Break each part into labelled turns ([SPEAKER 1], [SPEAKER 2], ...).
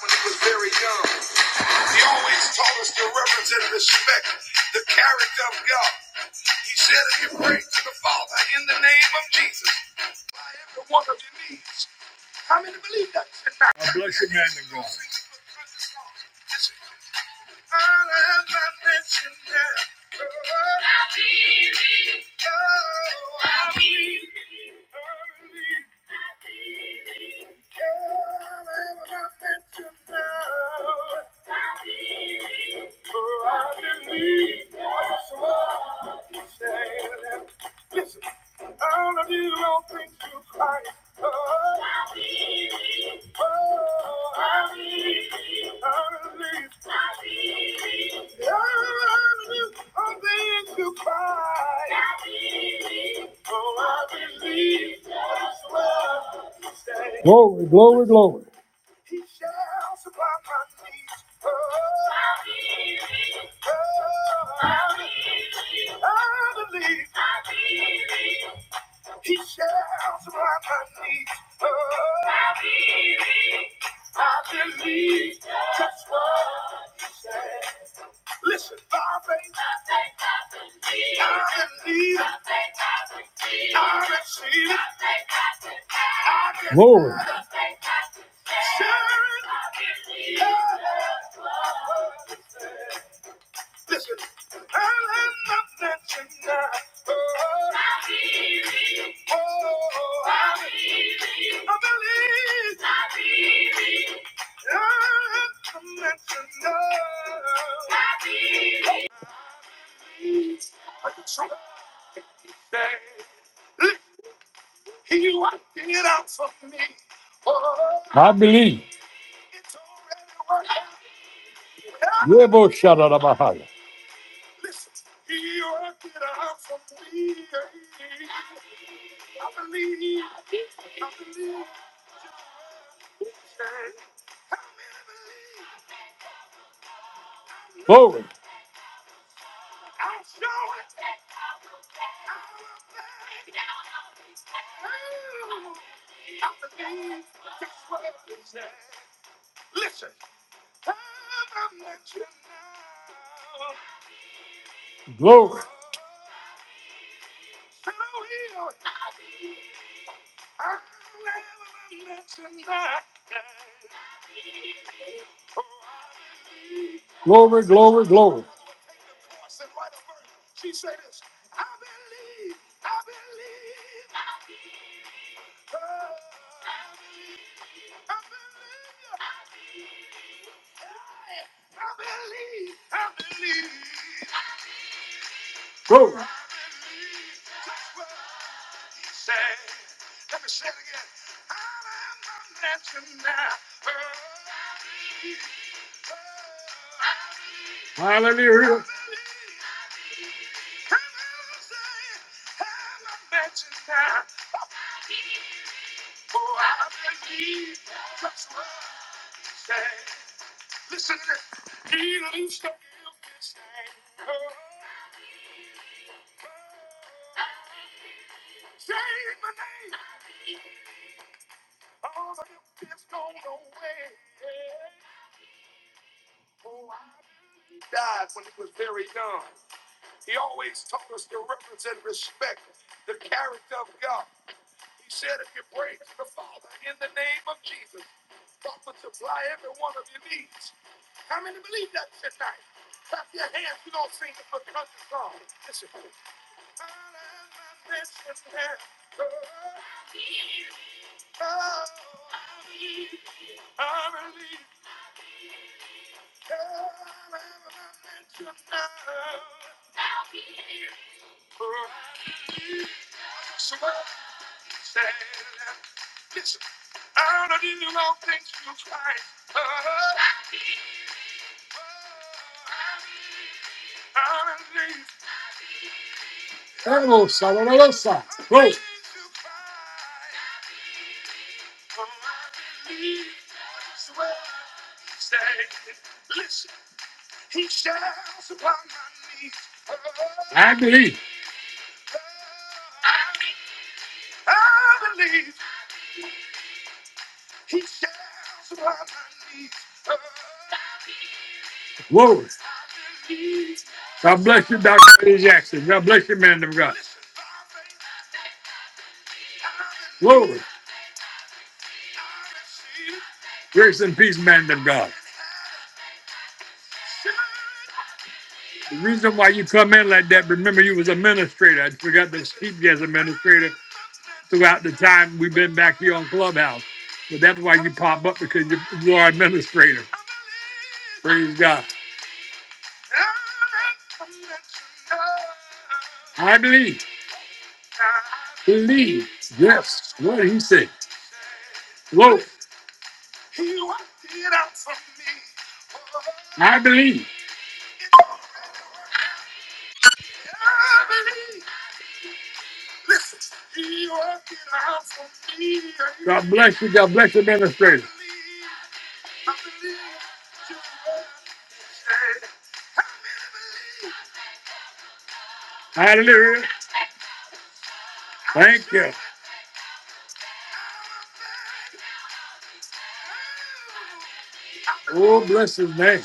[SPEAKER 1] when he was very young. He always taught us to represent and respect the character of God. He said, if you pray to the Father in the name of Jesus, the one of your I bless you, man of God. Glory. I believe. Glory. Glory. Glory. Hallelujah. Hello, Salalosa. Glory. I believe. Glory. God bless you, Dr. Eddie Jackson. God bless you, man of God. Glory. Grace and peace, man of God. The reason why you come in like that, remember you was a administrator. I forgot to speak as a administrator. throughout the time we've been back here on Clubhouse. But that's why you pop up because you're, you are administrator. Praise God. I believe, believe, yes, what he said. Whoa, I believe. God bless you. God bless you, administrator. Hallelujah. Thank you. Oh, bless his name.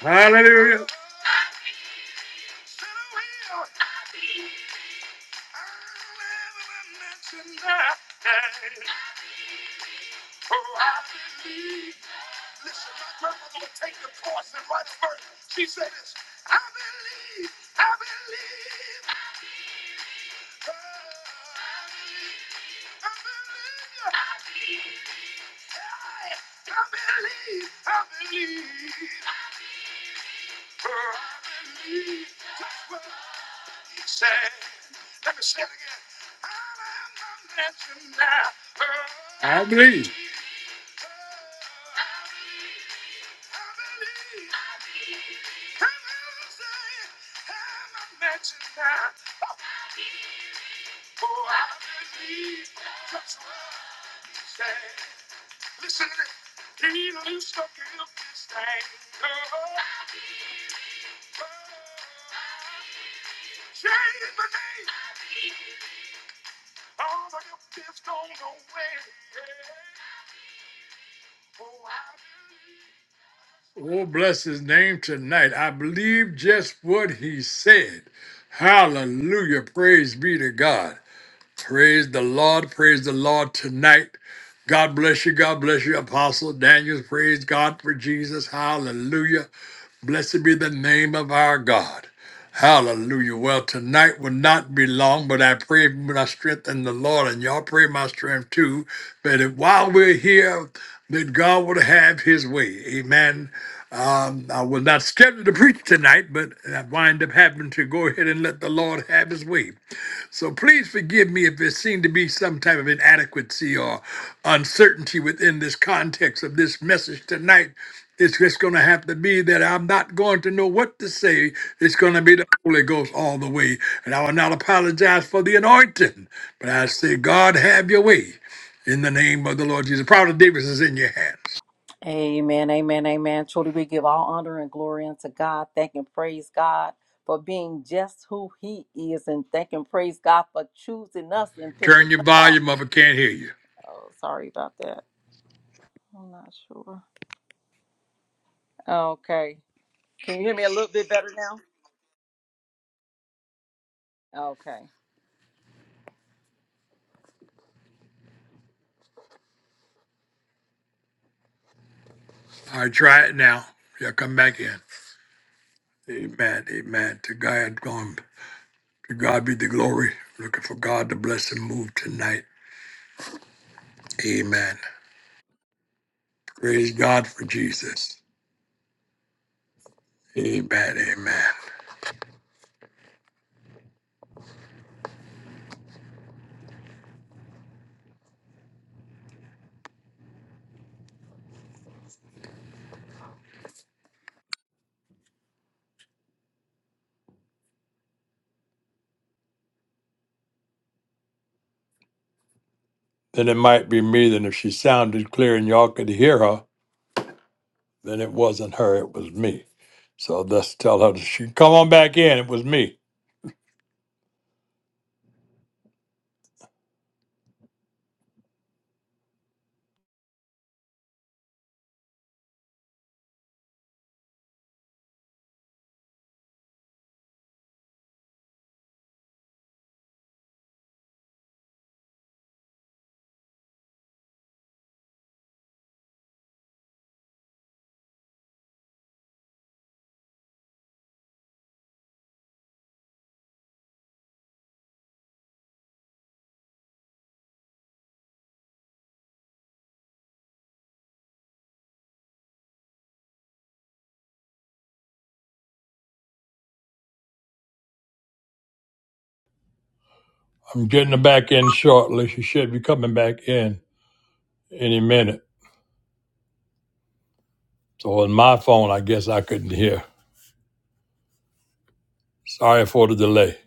[SPEAKER 1] Hallelujah. I believe. Oh, bless his name tonight. I believe just what he said. Hallelujah. Praise be to God. Praise the Lord. Praise the Lord tonight. God bless you. God bless you, Apostle Daniel. Praise God for Jesus. Hallelujah. Blessed be the name of our God. Hallelujah. Well, tonight will not be long, but I pray my strength in the Lord, and y'all pray my strength too. But if, while we're here, that God would have his way. Amen. Um, I was not scheduled to preach tonight, but I wind up having to go ahead and let the Lord have his way. So please forgive me if there seemed to be some type of inadequacy or uncertainty within this context of this message tonight. It's just going to have to be that I'm not going to know what to say. It's going to be the Holy Ghost all the way. And I will not apologize for the anointing, but I say, God, have your way in the name of the Lord Jesus. Prophet Davis is in your hands.
[SPEAKER 2] Amen, amen, amen. Truly, we give all honor and glory unto God. Thank and praise God for being just who He is, and thank and praise God for choosing us and picking
[SPEAKER 1] Turn your
[SPEAKER 2] us off.
[SPEAKER 1] volume up. I can't hear you.
[SPEAKER 2] Oh, sorry about that. I'm not sure. Okay. Can you hear me a little bit better now? Okay.
[SPEAKER 1] All right, try it now. Yeah, come back in. Amen. Amen. To God, going. To God be the glory. Looking for God to bless and move tonight. Amen. Praise God for Jesus. Amen. Amen. Then it might be me. Then if she sounded clear and y'all could hear her, then it wasn't her. It was me. So let's tell her that she can come on back in. It was me. I'm getting her back in shortly. She should be coming back in any minute. So on my phone, I guess I couldn't hear. Sorry for the delay.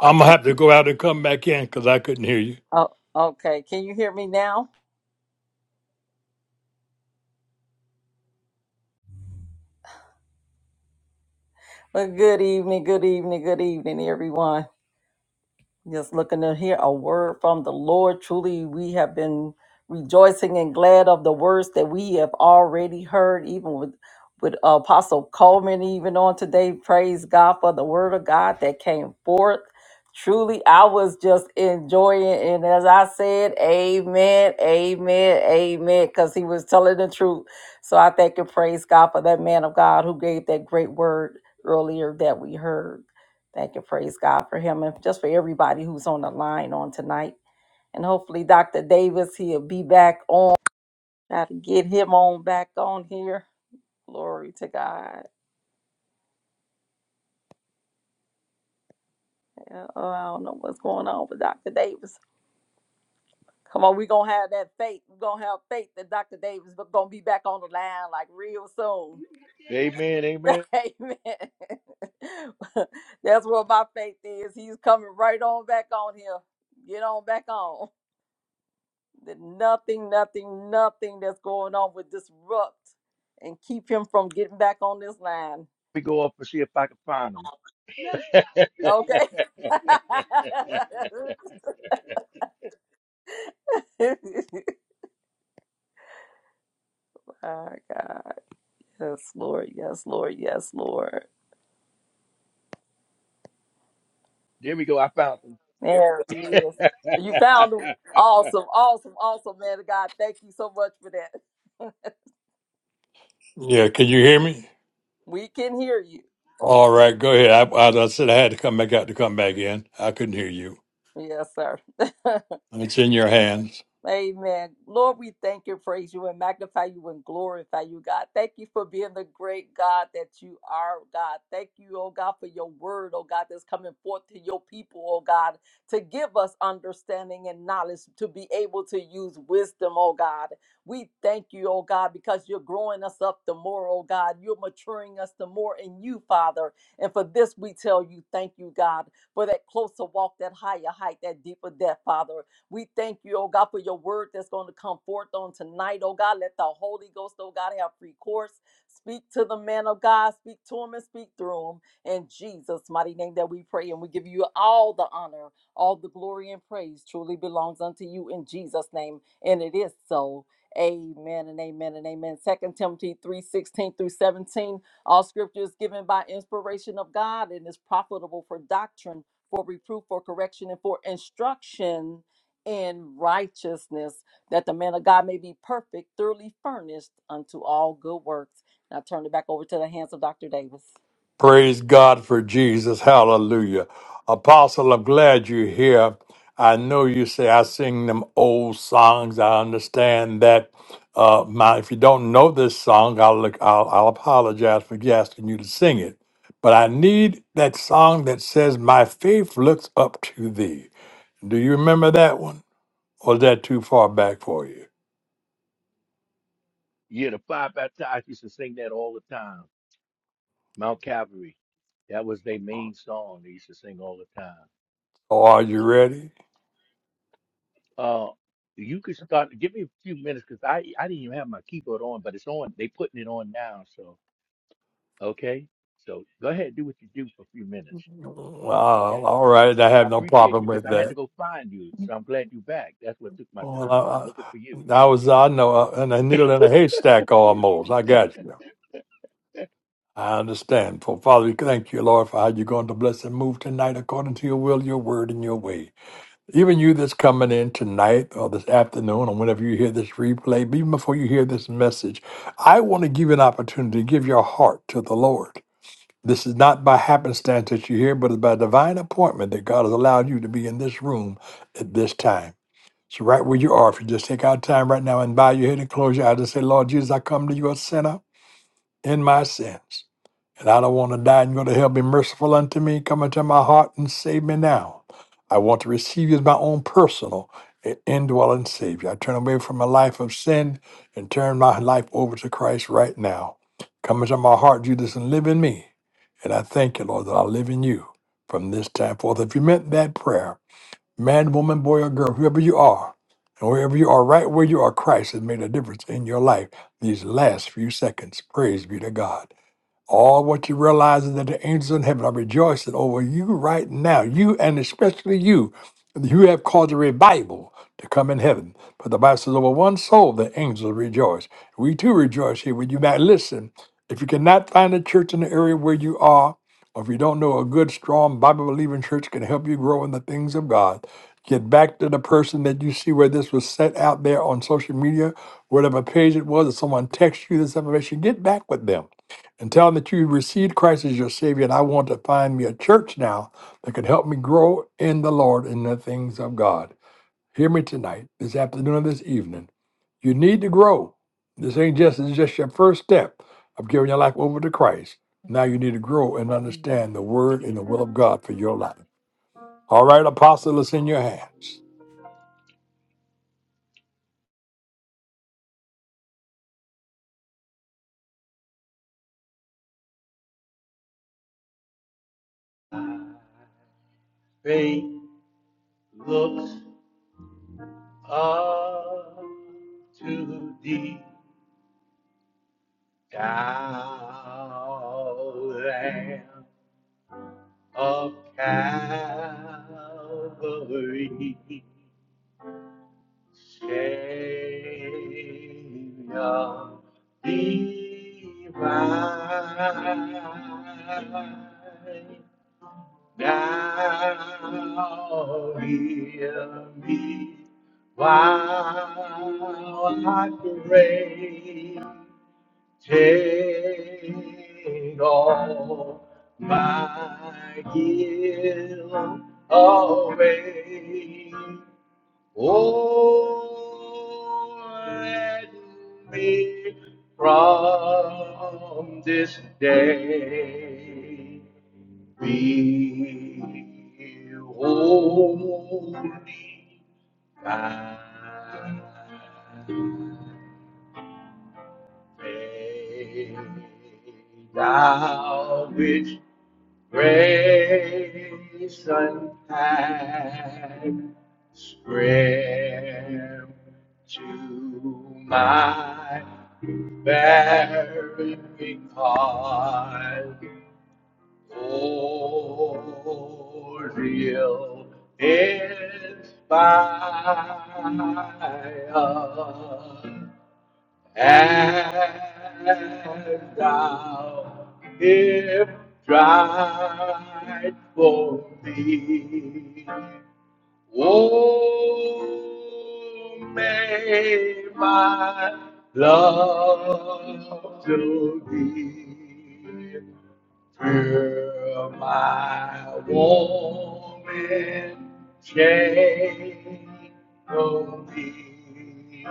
[SPEAKER 1] I'm gonna
[SPEAKER 2] Oh,
[SPEAKER 1] have to go out and come back in because I couldn't hear you.
[SPEAKER 2] oh, okay. Can you hear me now? Well, good evening, good evening, good evening, everyone. Just looking to hear a word from the Lord. Truly, we have been rejoicing and glad of the words that we have already heard, even with with Apostle Coleman, even on today. Praise God for the word of God that came forth. Truly, I was just enjoying, it. and as I said, Amen, Amen, Amen, because he was telling the truth. So I thank and praise God for that man of God who gave that great word earlier that we heard. Thank you, praise God for him and just for everybody who's on the line on tonight. And hopefully, Dr. Davis, he'll be back on. Got to get him on back on here. Glory to God. Yeah, oh, I don't know what's going on with Dr. Davis. Come on, we're going to have that faith. We're going to have faith that Dr. Davis is going to be back on the line like real soon.
[SPEAKER 3] Amen, amen. Let
[SPEAKER 2] Amen. That's what my faith is. He's coming right on back on here. Get on back on. that nothing, nothing, nothing that's going on would disrupt and keep him from getting back on this line.
[SPEAKER 3] me go up and see if I can find them.
[SPEAKER 2] Okay. My God. Yes, Lord. Yes, Lord. Yes, Lord.
[SPEAKER 3] There we go. I found them.
[SPEAKER 2] There he is. You found him. Awesome. Awesome. Awesome, man of God. Thank you so much for that.
[SPEAKER 1] Yeah, can you hear me?
[SPEAKER 2] we can hear you.
[SPEAKER 1] All right, go ahead. I, as I said, I had to come back out to come back in. I couldn't hear you.
[SPEAKER 2] Yes, sir.
[SPEAKER 1] It's in your hands.
[SPEAKER 2] Amen. Lord, we thank you, praise you, and magnify you and glorify you, God. Thank you for being the great God that you are, God. Thank you, oh God, for your word, oh God, that's coming forth to your people, oh God, to give us understanding and knowledge to be able to use wisdom, oh God. We thank you, oh God, because you're growing us up the more, oh God. You're maturing us the more in you, Father. And for this, we tell you, thank you, God, for that closer walk, that higher height, that deeper depth, Father. We thank you, oh God, for your word that's going to come forth on tonight, oh God. Let the Holy Ghost, oh God, have free course. Speak to the man of God, speak to him and speak through him. In Jesus' mighty name that we pray, and we give you all the honor, all the glory and praise truly belongs unto you in Jesus' name. And it is so. Amen and amen and amen. Second Timothy 3 16 through 17. All scripture is given by inspiration of God and is profitable for doctrine, for reproof, for correction, and for instruction in righteousness, that the man of God may be perfect, thoroughly furnished unto all good works. And I turn it back over to the hands of Dr. Davis.
[SPEAKER 1] Praise God for Jesus. Hallelujah. Apostle, I'm glad you're here. I know you say I sing them old songs. I understand that. Uh, my, if you don't know this song, I'll, look, I'll, I'll apologize for asking you to sing it. But I need that song that says, My faith looks up to thee. Do you remember that one? Or is that too far back for you?
[SPEAKER 3] yeah, the five baptized used to sing that all the time. Mount Calvary. That was their main song they used to sing all the time.
[SPEAKER 1] Or are you ready?
[SPEAKER 3] Uh, you could start. Give me a few minutes because I I didn't even have my keyboard on, but it's on. They putting it on now. So okay. So go ahead, do what you do for a few minutes.
[SPEAKER 1] Well,
[SPEAKER 3] Okay.
[SPEAKER 1] all right, I
[SPEAKER 3] I
[SPEAKER 1] have no
[SPEAKER 3] appreciate
[SPEAKER 1] problem
[SPEAKER 3] you because
[SPEAKER 1] with
[SPEAKER 3] I had to
[SPEAKER 1] that.
[SPEAKER 3] go find you. So I'm glad you're back. That's what took my
[SPEAKER 1] Well,
[SPEAKER 3] time
[SPEAKER 1] I, I
[SPEAKER 3] looking for
[SPEAKER 1] I was, I know, uh, in a needle in a haystack almost. I got you. I understand. For Father, we thank you, Lord, for how you're going to bless and move tonight according to your will, your word, and your way. Even you that's coming in tonight or this afternoon or whenever you hear this replay, even before you hear this message, I want to give you an opportunity to give your heart to the Lord. This is not by happenstance that you're here, but it's by divine appointment that God has allowed you to be in this room at this time. So, right where you are, if you just take out time right now and bow your head and close your eyes and say, Lord Jesus, I come to you a sinner in my sins. And I don't want to die and go to hell. Be merciful unto me. Come into my heart and save me now. I want to receive you as my own personal i- indwelling Savior. I turn away from a life of sin and turn my life over to Christ right now. Come into my heart, Jesus, and live in me. And I thank you, Lord, that I live in you from this time forth. If you meant that prayer, man, woman, boy, or girl, whoever you are, and wherever you are, right where you are, Christ has made a difference in your life these last few seconds. Praise be to God. All what you realize is that the angels in heaven are rejoicing over you right now. You and especially you. You have caused a revival to come in heaven. But the Bible says, over one soul, the angels rejoice. We too rejoice here with you. Now, listen, if you cannot find a church in the area where you are, or if you don't know a good, strong, Bible believing church can help you grow in the things of God, get back to the person that you see where this was set out there on social media, whatever page it was, if someone texts you this information, get back with them and tell them that you received Christ as your Savior, and I want to find me a church now that can help me grow in the Lord and the things of God. Hear me tonight, this afternoon, or this evening. You need to grow. This ain't just it's just your first step of giving your life over to Christ. Now you need to grow and
[SPEAKER 3] you.
[SPEAKER 1] understand the Word and the will of God for your life. All right, Apostle, it's in your hands.
[SPEAKER 3] faith looks up to the down of Calvary, Savior divine. Thou hear me while I pray. Take all my guilt away. Oh, let me from this day. Be holy, thy May thou with grace unkind spread to my barren heart. For real inspire and thou if tried for me. Oh, may my love to thee Till my warm and shallow me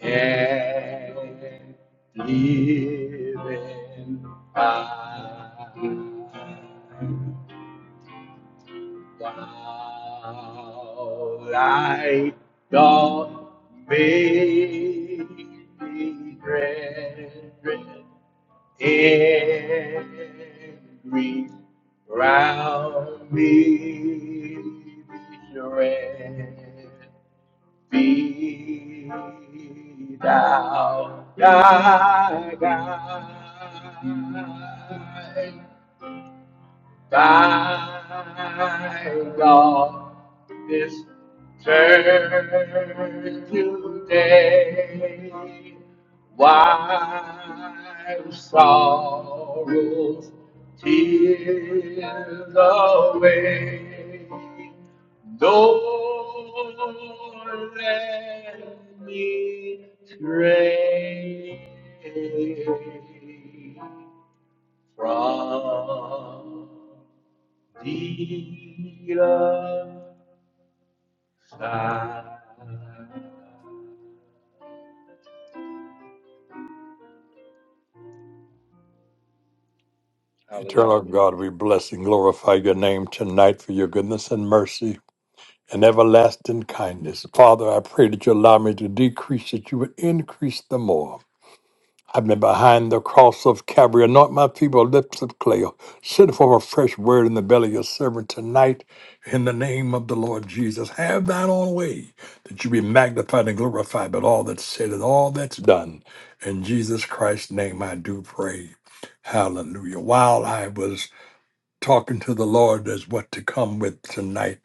[SPEAKER 3] and living by thou light doth make me dread. Every round we shall be thou thy guide, thy God this turn day. Wipe sorrows, tears away. Lord, let me stray from thee Hallelujah.
[SPEAKER 1] Eternal God, we bless and glorify your name tonight for your goodness and mercy. and everlasting kindness. Father, I pray that you allow me to decrease, that you would increase the more. I've been behind the cross of Calvary. Anoint my feeble lips of clay. Send forth a fresh word in the belly of your servant tonight in the name of the Lord Jesus. Have thine own way, that you be magnified and glorified, but all that's said and all that's done. In Jesus Christ's name I do pray. Hallelujah. While I was talking to the Lord as what to come with tonight,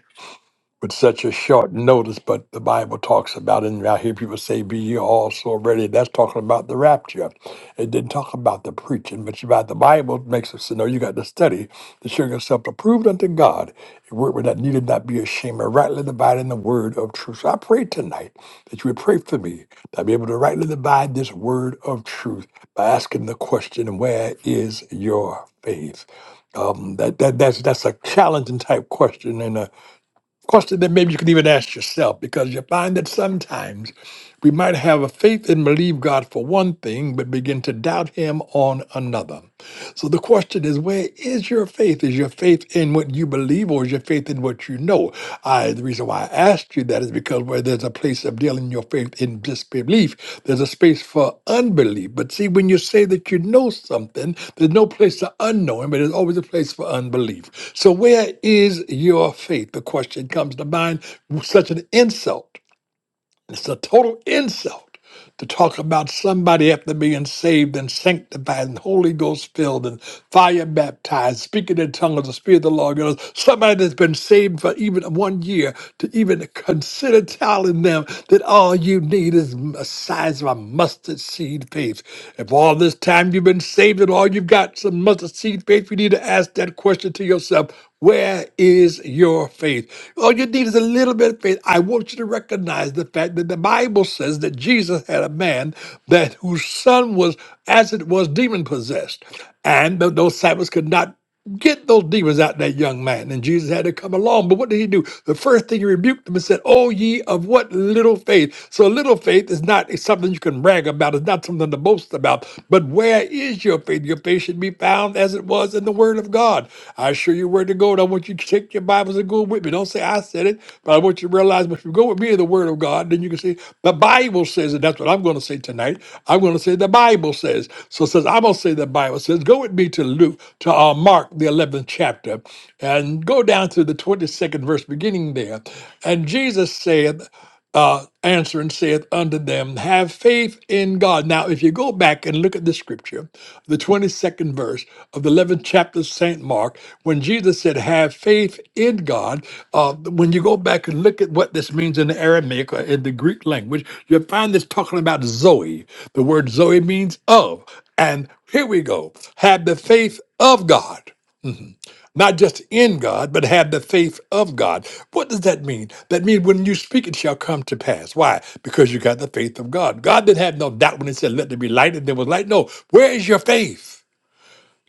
[SPEAKER 1] with such a short notice, but the Bible talks about it. And I hear people say, Be ye all so ready. That's talking about the rapture. It didn't talk about the preaching, but about the Bible It makes us to know you got to study to show yourself approved unto God, a workman that needed not be ashamed, and rightly dividing the word of truth. So I pray tonight that you would pray for me, that i be able to rightly divide this word of truth by asking the question, Where is your faith? Um, that, that that's that's a challenging type question, and a question that maybe you can even ask yourself because you find that sometimes we might have a faith and believe God for one thing, but begin to doubt Him on another. So the question is, where is your faith? Is your faith in what you believe or is your faith in what you know? I, the reason why I asked asked you that is because where there's a place of dealing your faith in disbelief, there's a space for unbelief. But see, when you say that you know something, there's no place to unknowing, but there's always a place for unbelief. So where is your faith? The question comes to mind, such an insult. It's a total insult to talk about somebody after being saved and sanctified and Holy Ghost filled and fire baptized, speaking in tongues of the Spirit of the Lord. God, somebody that's been saved for even one year to even consider telling them that all you need is the size of a mustard seed faith. If all this time you've been saved and all you've got is some mustard seed faith, you need to ask that question to yourself where is your faith? All you need is a little bit of faith. I want you to recognize the fact that the Bible says that Jesus had a man that whose son was, as it was, demon possessed, and th- those disciples could not get those demons out of that young man. And Jesus had to come along. But what did he do? The first thing he rebuked them and said, "Oh ye of what little faith." So little faith is not something you can brag about. It's not something to boast about about. But where is your faith? Your faith should be found as it was in the Word of God. I assure you where to go. And I want you to take your Bibles and go with me. Don't say I said it, but I want you to realize if you go with me in the Word of God, then you can see the Bible says it. That's what I'm going to say tonight. I'm going to say the Bible says. So it says I'm going to say the Bible says. Go with me to Luke to uh, Mark the 11th chapter, and go down to the 22nd verse, beginning there. And Jesus said uh, answering saith unto them, Have faith in God. Now, if you go back and look at the scripture, the 22nd verse of the 11th chapter of St. Mark, when Jesus said, Have faith in God, uh, when you go back and look at what this means in the Aramaic or in the Greek language, you find this talking about Zoe. The word Zoe means of. And here we go. Have the faith of God not just in God, but have the faith of God. What does that mean? That means when you speak, it shall come to pass. Why? Because you got the faith of God. God didn't have no doubt when He said, "Let there be light," and there was light. No, where is your faith?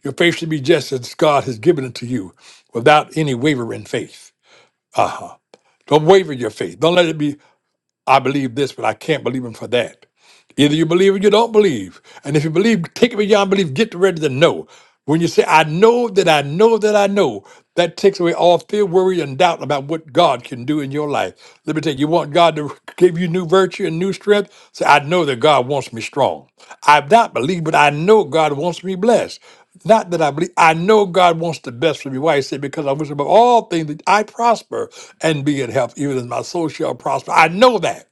[SPEAKER 1] Your faith should be just as God has given it to you, without any wavering faith. Uh huh. Don't waver your faith. Don't let it be. I believe this, but I can't believe Him for that. Either you believe or you don't believe. And if you believe, take it beyond belief, get ready to know. When you say, I know that I know that I know, that takes away all fear, worry, and doubt about what God can do in your life. Let me tell you, you want God to give you new virtue and new strength? Say, I know that God wants me strong. I've not believed, but I know God wants me blessed. Not that I believe, I know God wants the best for me. Why? He said, Because I wish above all things that I prosper and be in health, even as my soul shall prosper. I know that.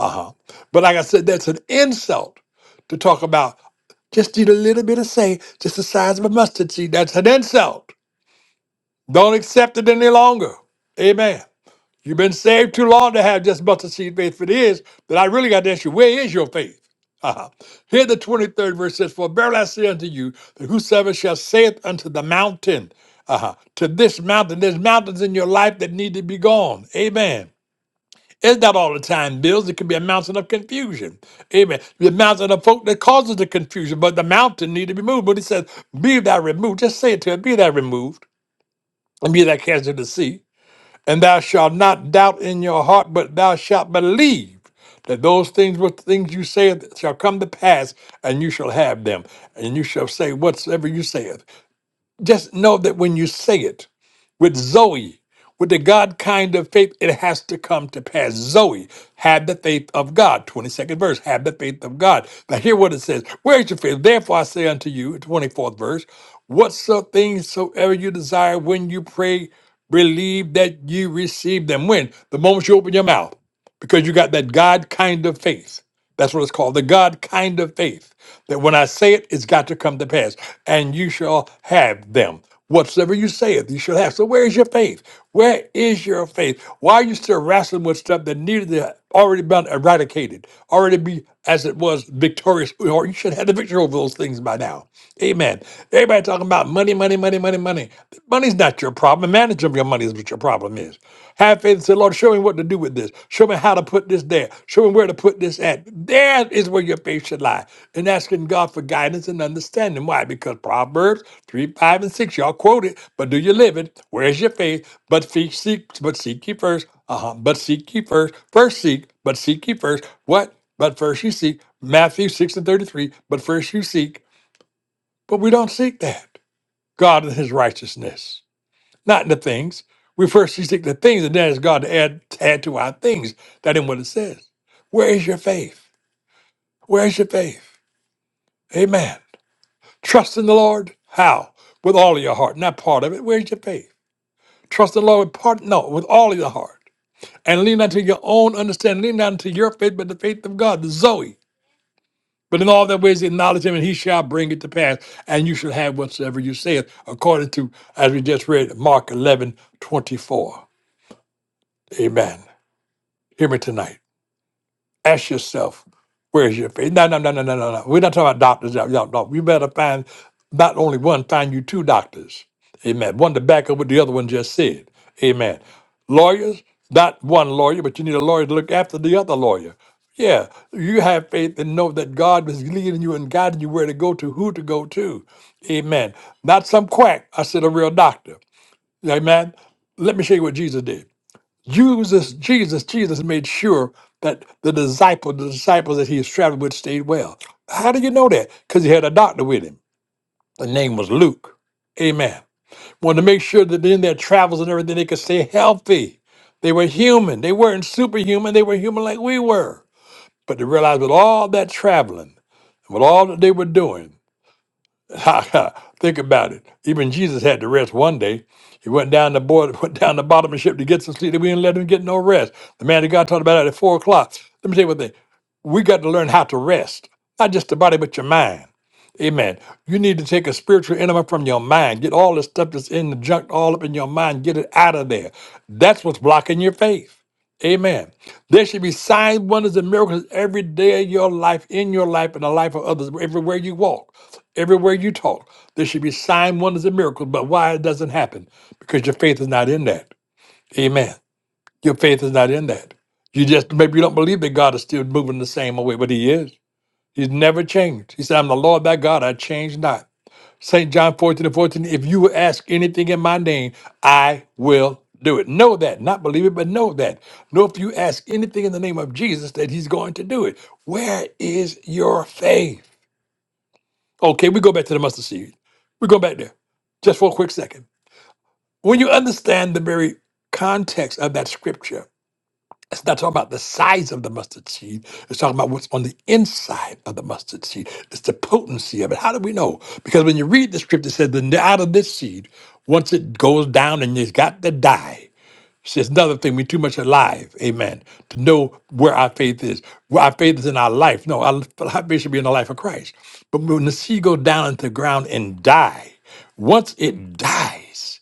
[SPEAKER 1] Uh-huh. But like I said, that's an insult to talk about just need a little bit of say, just the size of a mustard seed. That's an insult. Don't accept it any longer. Amen. You've been saved too long to have just mustard seed faith. If it is, then I really got to ask you, where is your faith? Uh-huh. Here the 23rd verse says, For verily I say unto you, that whosoever shall saith unto the mountain, uh-huh, to this mountain, there's mountains in your life that need to be gone. Amen. It's not all the time, Bills. It can be a mountain of confusion. Amen. The mountain of folk that causes the confusion, but the mountain need to be moved. But he says, Be thou removed. Just say it to him. be thou removed, and be thou cast into the sea. And thou shalt not doubt in your heart, but thou shalt believe that those things which things you say shall come to pass, and you shall have them. And you shall say whatsoever you say. Just know that when you say it with Zoe, with the God kind of faith, it has to come to pass. Zoe, have the faith of God. 22nd verse, have the faith of God. Now, hear what it says. Where is your faith? Therefore, I say unto you, 24th verse, whatso things soever you desire when you pray, believe that you receive them. When? The moment you open your mouth, because you got that God kind of faith. That's what it's called, the God kind of faith. That when I say it, it's got to come to pass, and you shall have them. Whatsoever you saith, you shall have. So where is your faith? Where is your faith? Why are you still wrestling with stuff that needed to already been eradicated, already be as it was victorious. Or you should have the victory over those things by now. Amen. Everybody talking about money, money, money, money, money. Money's not your problem. The Management of your money is what your problem is. Have faith and say, Lord, show me what to do with this. Show me how to put this there. Show me where to put this at. There is where your faith should lie. And asking God for guidance and understanding. Why? Because Proverbs 3, 5, and 6, y'all quote it, but do you live it? Where's your faith? But fe- seek, but seek ye first. Uh-huh. But seek ye first. First seek, but seek ye first. What? But first you seek, Matthew 6 and 33, but first you seek, but we don't seek that. God and his righteousness, not in the things. We first seek the things, and then it's God to add, to add to our things. That ain't what it says. Where is your faith? Where is your faith? Amen. Trust in the Lord. How? With all of your heart, not part of it. Where's your faith? Trust in the Lord with part, no, with all of your heart. And lean not to your own understanding, lean not to your faith, but the faith of God, the Zoe. But in all their ways acknowledge him, and he shall bring it to pass. And you shall have whatsoever you say, according to, as we just read, Mark 11 24. Amen. Hear me tonight. Ask yourself, where's your faith? No, no, no, no, no, no, no. We're not talking about doctors. Y'all, y'all, no. You better find not only one, find you two doctors. Amen. One to back up what the other one just said. Amen. Lawyers, not one lawyer, but you need a lawyer to look after the other lawyer. Yeah, you have faith and know that God is leading you and guiding you where to go to, who to go to. Amen. Not some quack. I said a real doctor. Amen. Let me show you what Jesus did. Jesus, Jesus, Jesus made sure that the disciple, the disciples that he was traveling with stayed well. How do you know that? Because he had a doctor with him. The name was Luke. Amen. Wanted to make sure that in their travels and everything, they could stay healthy. They were human. They weren't superhuman. They were human like we were. But they realized with all that traveling, and with all that they were doing. Ha ha! Think about it. Even Jesus had to rest one day. He went down the board, went down the bottom of the ship to get some sleep. We didn't let him get no rest. The man that God talked about at four o'clock. Let me tell you one thing. We got to learn how to rest, not just the body, but your mind. Amen. You need to take a spiritual element from your mind. Get all the stuff that's in the junk all up in your mind. Get it out of there. That's what's blocking your faith. Amen. There should be signs, wonders, and miracles every day of your life, in your life, and the life of others, everywhere you walk. Everywhere you talk, there should be sign wonders, and miracles. But why it doesn't happen? Because your faith is not in that. Amen. Your faith is not in that. You just maybe you don't believe that God is still moving the same way, but He is. He's never changed. He said, "I'm the Lord thy God; I change not." Saint John fourteen and fourteen. If you will ask anything in my name, I will do it. Know that, not believe it, but know that. Know if you ask anything in the name of Jesus, that He's going to do it. Where is your faith? Okay, we go back to the mustard seed. We go back there just for a quick second. When you understand the very context of that scripture, it's not talking about the size of the mustard seed. It's talking about what's on the inside of the mustard seed. It's the potency of it. How do we know? Because when you read the scripture, it says, "Then out of this seed, once it goes down and it's got to die." It's just another thing. We're too much alive, amen, to know where our faith is. Where our faith is in our life. No, our, our faith should be in the life of Christ. But when the seed go down into the ground and die, once it dies,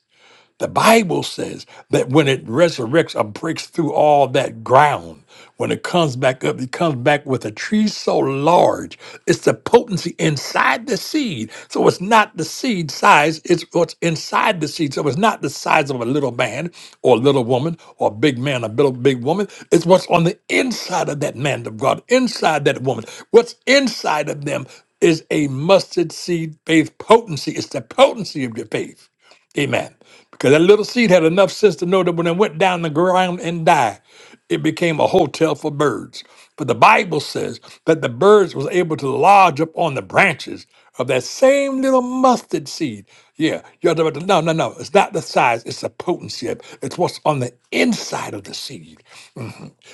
[SPEAKER 1] the Bible says that when it resurrects or breaks through all that ground, when it comes back up, it comes back with a tree so large, it's the potency inside the seed. So it's not the seed size, it's what's inside the seed. So it's not the size of a little man or a little woman or a big man, a little big woman. It's what's on the inside of that man of God, inside that woman. What's inside of them is a mustard seed faith potency. It's the potency of your faith. Amen. Because that little seed had enough sense to know that when it went down the ground and died, it became a hotel for birds. But the Bible says that the birds was able to lodge up on the branches of that same little mustard seed. Yeah, you're talking about the- no, no, no. It's not the size; it's the potency. of it. It's what's on the inside of the seed.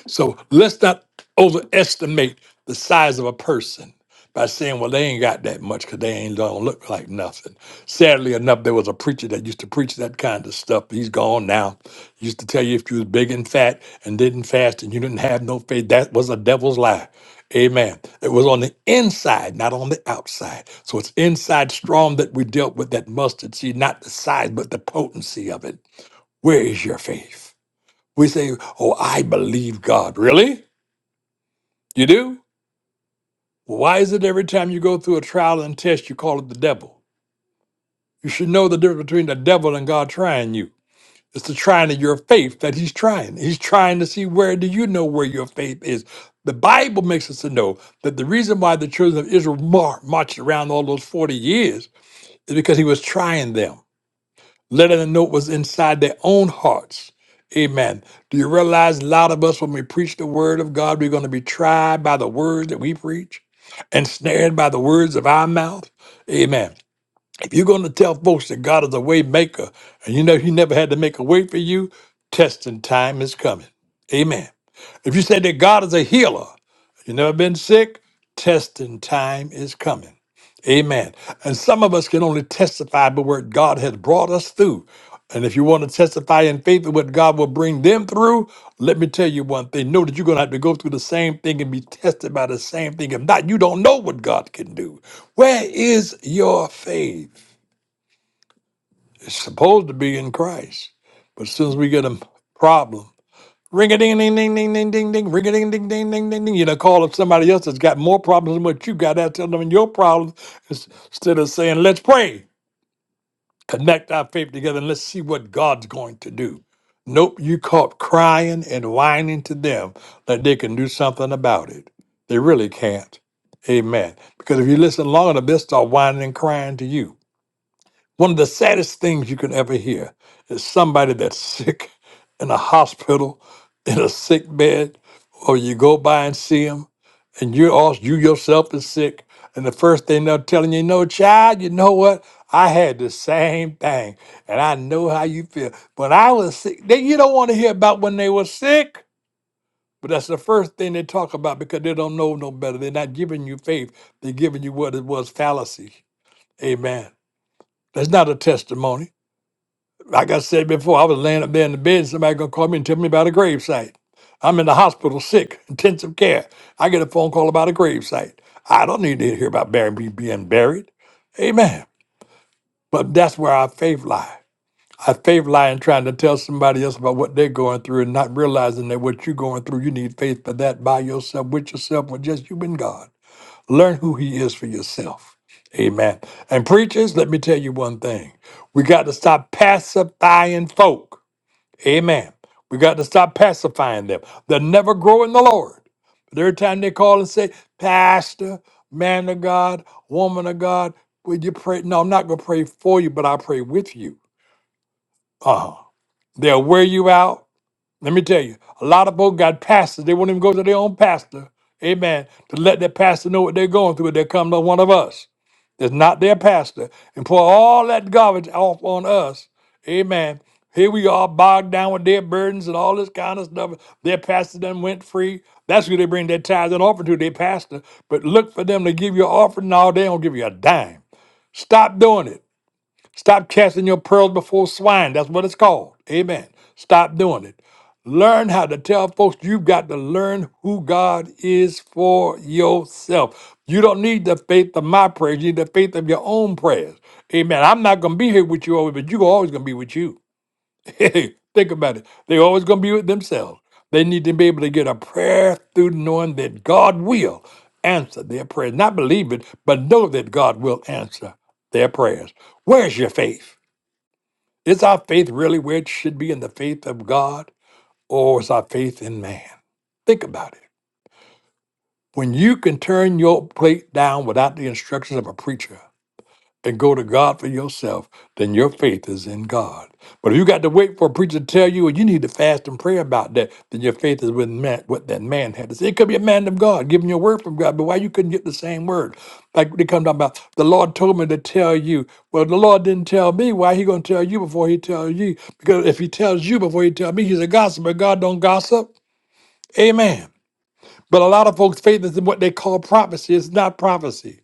[SPEAKER 1] So let's not overestimate the size of a person by saying, well, they ain't got that much because they ain't don't look like nothing. Sadly enough, there was a preacher that used to preach that kind of stuff. He's gone now. He used to tell you if you was big and fat and didn't fast and you didn't have no faith, that was a devil's lie. Amen. It was on the inside, not on the outside. So it's inside strong that we dealt with that mustard seed, not the size, but the potency of it. Where is your faith? We say, Oh, I believe God. Really? You do? Well, Why is it every time you go through a trial and test, you call it the devil? You should know the difference between the devil and God trying you. It's the trying of your faith that he's trying. He's trying to see where do you know where your faith is. The Bible makes us to know that the reason why the children of Israel mar- marched around all those 40 years is because he was trying them. letting them know what's inside their own hearts. Amen. Do you realize a lot of us, when we preach the word of God, we're going to be tried by the words that we preach, and snared by the words of our mouth? Amen. If you're going to tell folks that God is a way maker and you know He never had to make a way for you, testing time is coming. Amen. If you say that God is a healer, you never been sick, testing time is coming. Amen. And some of us can only testify by what God has brought us through. And if you want to testify in faith of what God will bring them through, let me tell you one thing. Know that you're going to have to go through the same thing and be tested by the same thing. If not, you don't know what God can do. Where is your faith? It's supposed to be in Christ. But as soon as we get a problem, ring a ding ding ding ding ding ding ding, ring a ding ding ding ding ding ding, you know, call up somebody else that's got more problems than what you got. Tell them your problems instead of saying, let's pray. connect our faith together and let's see what God's going to do. Nope, you caught crying and whining to them that they can do something about it. They really can't. Amen. Because if you listen long enough, they'll start whining and crying to you. One of the saddest things you can ever hear is somebody that's sick in a hospital, in a sick bed, or you go by and see them, and you also you yourself is sick, and the first thing they're telling you, no child, you know what? I had the same thing, and I know how you feel. When I was sick, then you don't want to hear about when they were sick. But that's the first thing they talk about because they don't know no better. They're not giving you faith. They're giving you what it was fallacy. Amen. That's not a testimony. Like I said before, I was laying up there in the bed, and somebody gonna call me and tell me about a gravesite. I'm in the hospital, sick, intensive care. I get a phone call about a gravesite. I don't need to hear about burying me being buried. Amen. But that's where our faith lies. Our faith lies in trying to tell somebody else about what they're going through and not realizing that what you're going through, you need faith for that by yourself, with yourself, with just you and God. Learn who He is for yourself. Amen. And preachers, let me tell you one thing. We got to stop pacifying folk. Amen. We got to stop pacifying them. They'll never grow in the Lord. But every time they call and say, Pastor, man of God, woman of God, will you pray? No, I'm not going to pray for you, but I'll pray with you. Uh-huh. They'll wear you out. Let me tell you, a lot of folks got pastors. They won't even go to their own pastor. Amen. To let their pastor know what they're going through. if They come to one of us that's not their pastor and pour all that garbage off on us. Amen. Here we are bogged down with their burdens and all this kind of stuff. Their pastor done went free. That's who they bring their tithes and offering to, their pastor. But look for them to give you an offering. No, they don't give you a dime. Stop doing it. Stop casting your pearls before swine. That's what it's called. Amen. Stop doing it. Learn how to tell folks you've got to learn who God is for yourself. You don't need the faith of my prayers. You need the faith of your own prayers. Amen. I'm not going to be here with you always, but you're always going to be with you. Think about it. They're always going to be with themselves. They need to be able to get a prayer through knowing that God will answer their prayers. Not believe it, but know that God will answer their prayers. Where's your faith? Is our faith really where it should be in the faith of God, or is our faith in man? Think about it. When you can turn your plate down without the instructions of a preacher, and go to God for yourself, then your faith is in God. But if you got to wait for a preacher to tell you, and you need to fast and pray about that, then your faith is with man, what that man had to say. It could be a man of God giving you a word from God, but why you couldn't get the same word? Like they come down about, the Lord told me to tell you. Well, the Lord didn't tell me. Why he gonna tell you before he tells you? Because if he tells you before he tells me, he's a gossip, but God don't gossip. Amen. But a lot of folks' faith is in what they call prophecy. It's not prophecy.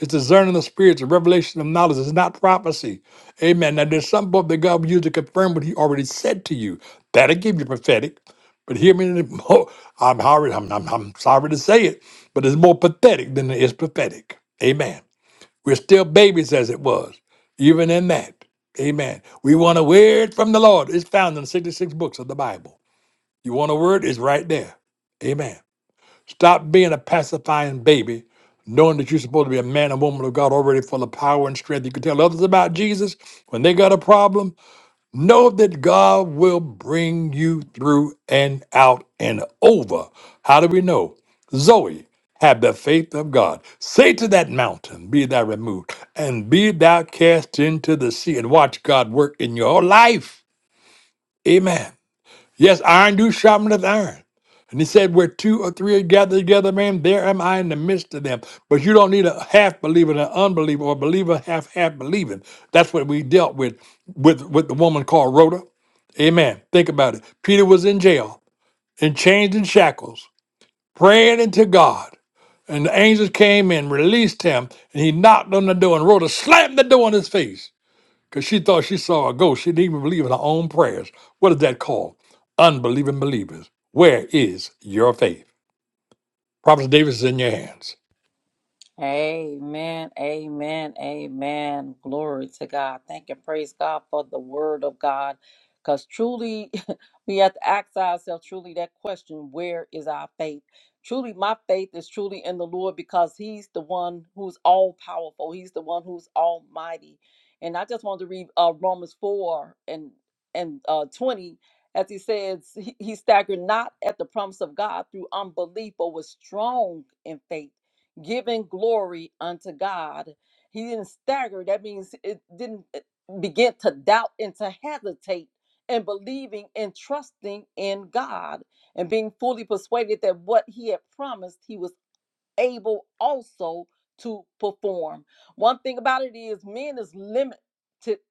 [SPEAKER 1] It's discerning the spirits, a revelation of knowledge. It's not prophecy. Amen. Now, there's some book that God will use to confirm what He already said to you. That'll give you prophetic. But hear me, in the- oh, I'm, sorry- I'm, I'm, I'm sorry to say it, but it's more pathetic than it is prophetic. Amen. We're still babies as it was, even in that. Amen. We want a word from the Lord. It's found in 66 books of the Bible. You want a word? It's right there. Amen. Stop being a pacifying baby, knowing that you're supposed to be a man and woman of God already full of power and strength. You can tell others about Jesus when they got a problem. Know that God will bring you through and out and over. How do we know? Zoe, have the faith of God. Say to that mountain, be thou removed, and be thou cast into the sea, and watch God work in your life. Amen. Yes, iron do sharpeneth iron. And he said, Where two or three are gathered together, man, there am I in the midst of them. But you don't need a half believer and an unbeliever or a believer half half believing. That's what we dealt with with, with the woman called Rhoda. Amen. Think about it. Peter was in jail, in chains and shackles, praying unto God. And the angels came and released him, and he knocked on the door, and Rhoda slammed the door in his face because she thought she saw a ghost. She didn't even believe in her own prayers. What is that called? Unbelieving believers. Where is your faith? Prophet Davis is in your hands.
[SPEAKER 2] Amen, amen, amen. Glory to God. Thank and praise God for the word of God. Because truly, we have to ask ourselves truly that question where is our faith? Truly, my faith is truly in the Lord because He's the one who's all powerful, He's the one who's almighty. And I just wanted to read uh, Romans 4 and, and uh, 20 as He says, he, he staggered not at the promise of God through unbelief, but was strong in faith giving glory unto God. He didn't stagger. That means it didn't uh, begin to doubt and to hesitate and believing and trusting in God and being fully persuaded that what he had promised, he was able also to perform. One thing about it is men is limited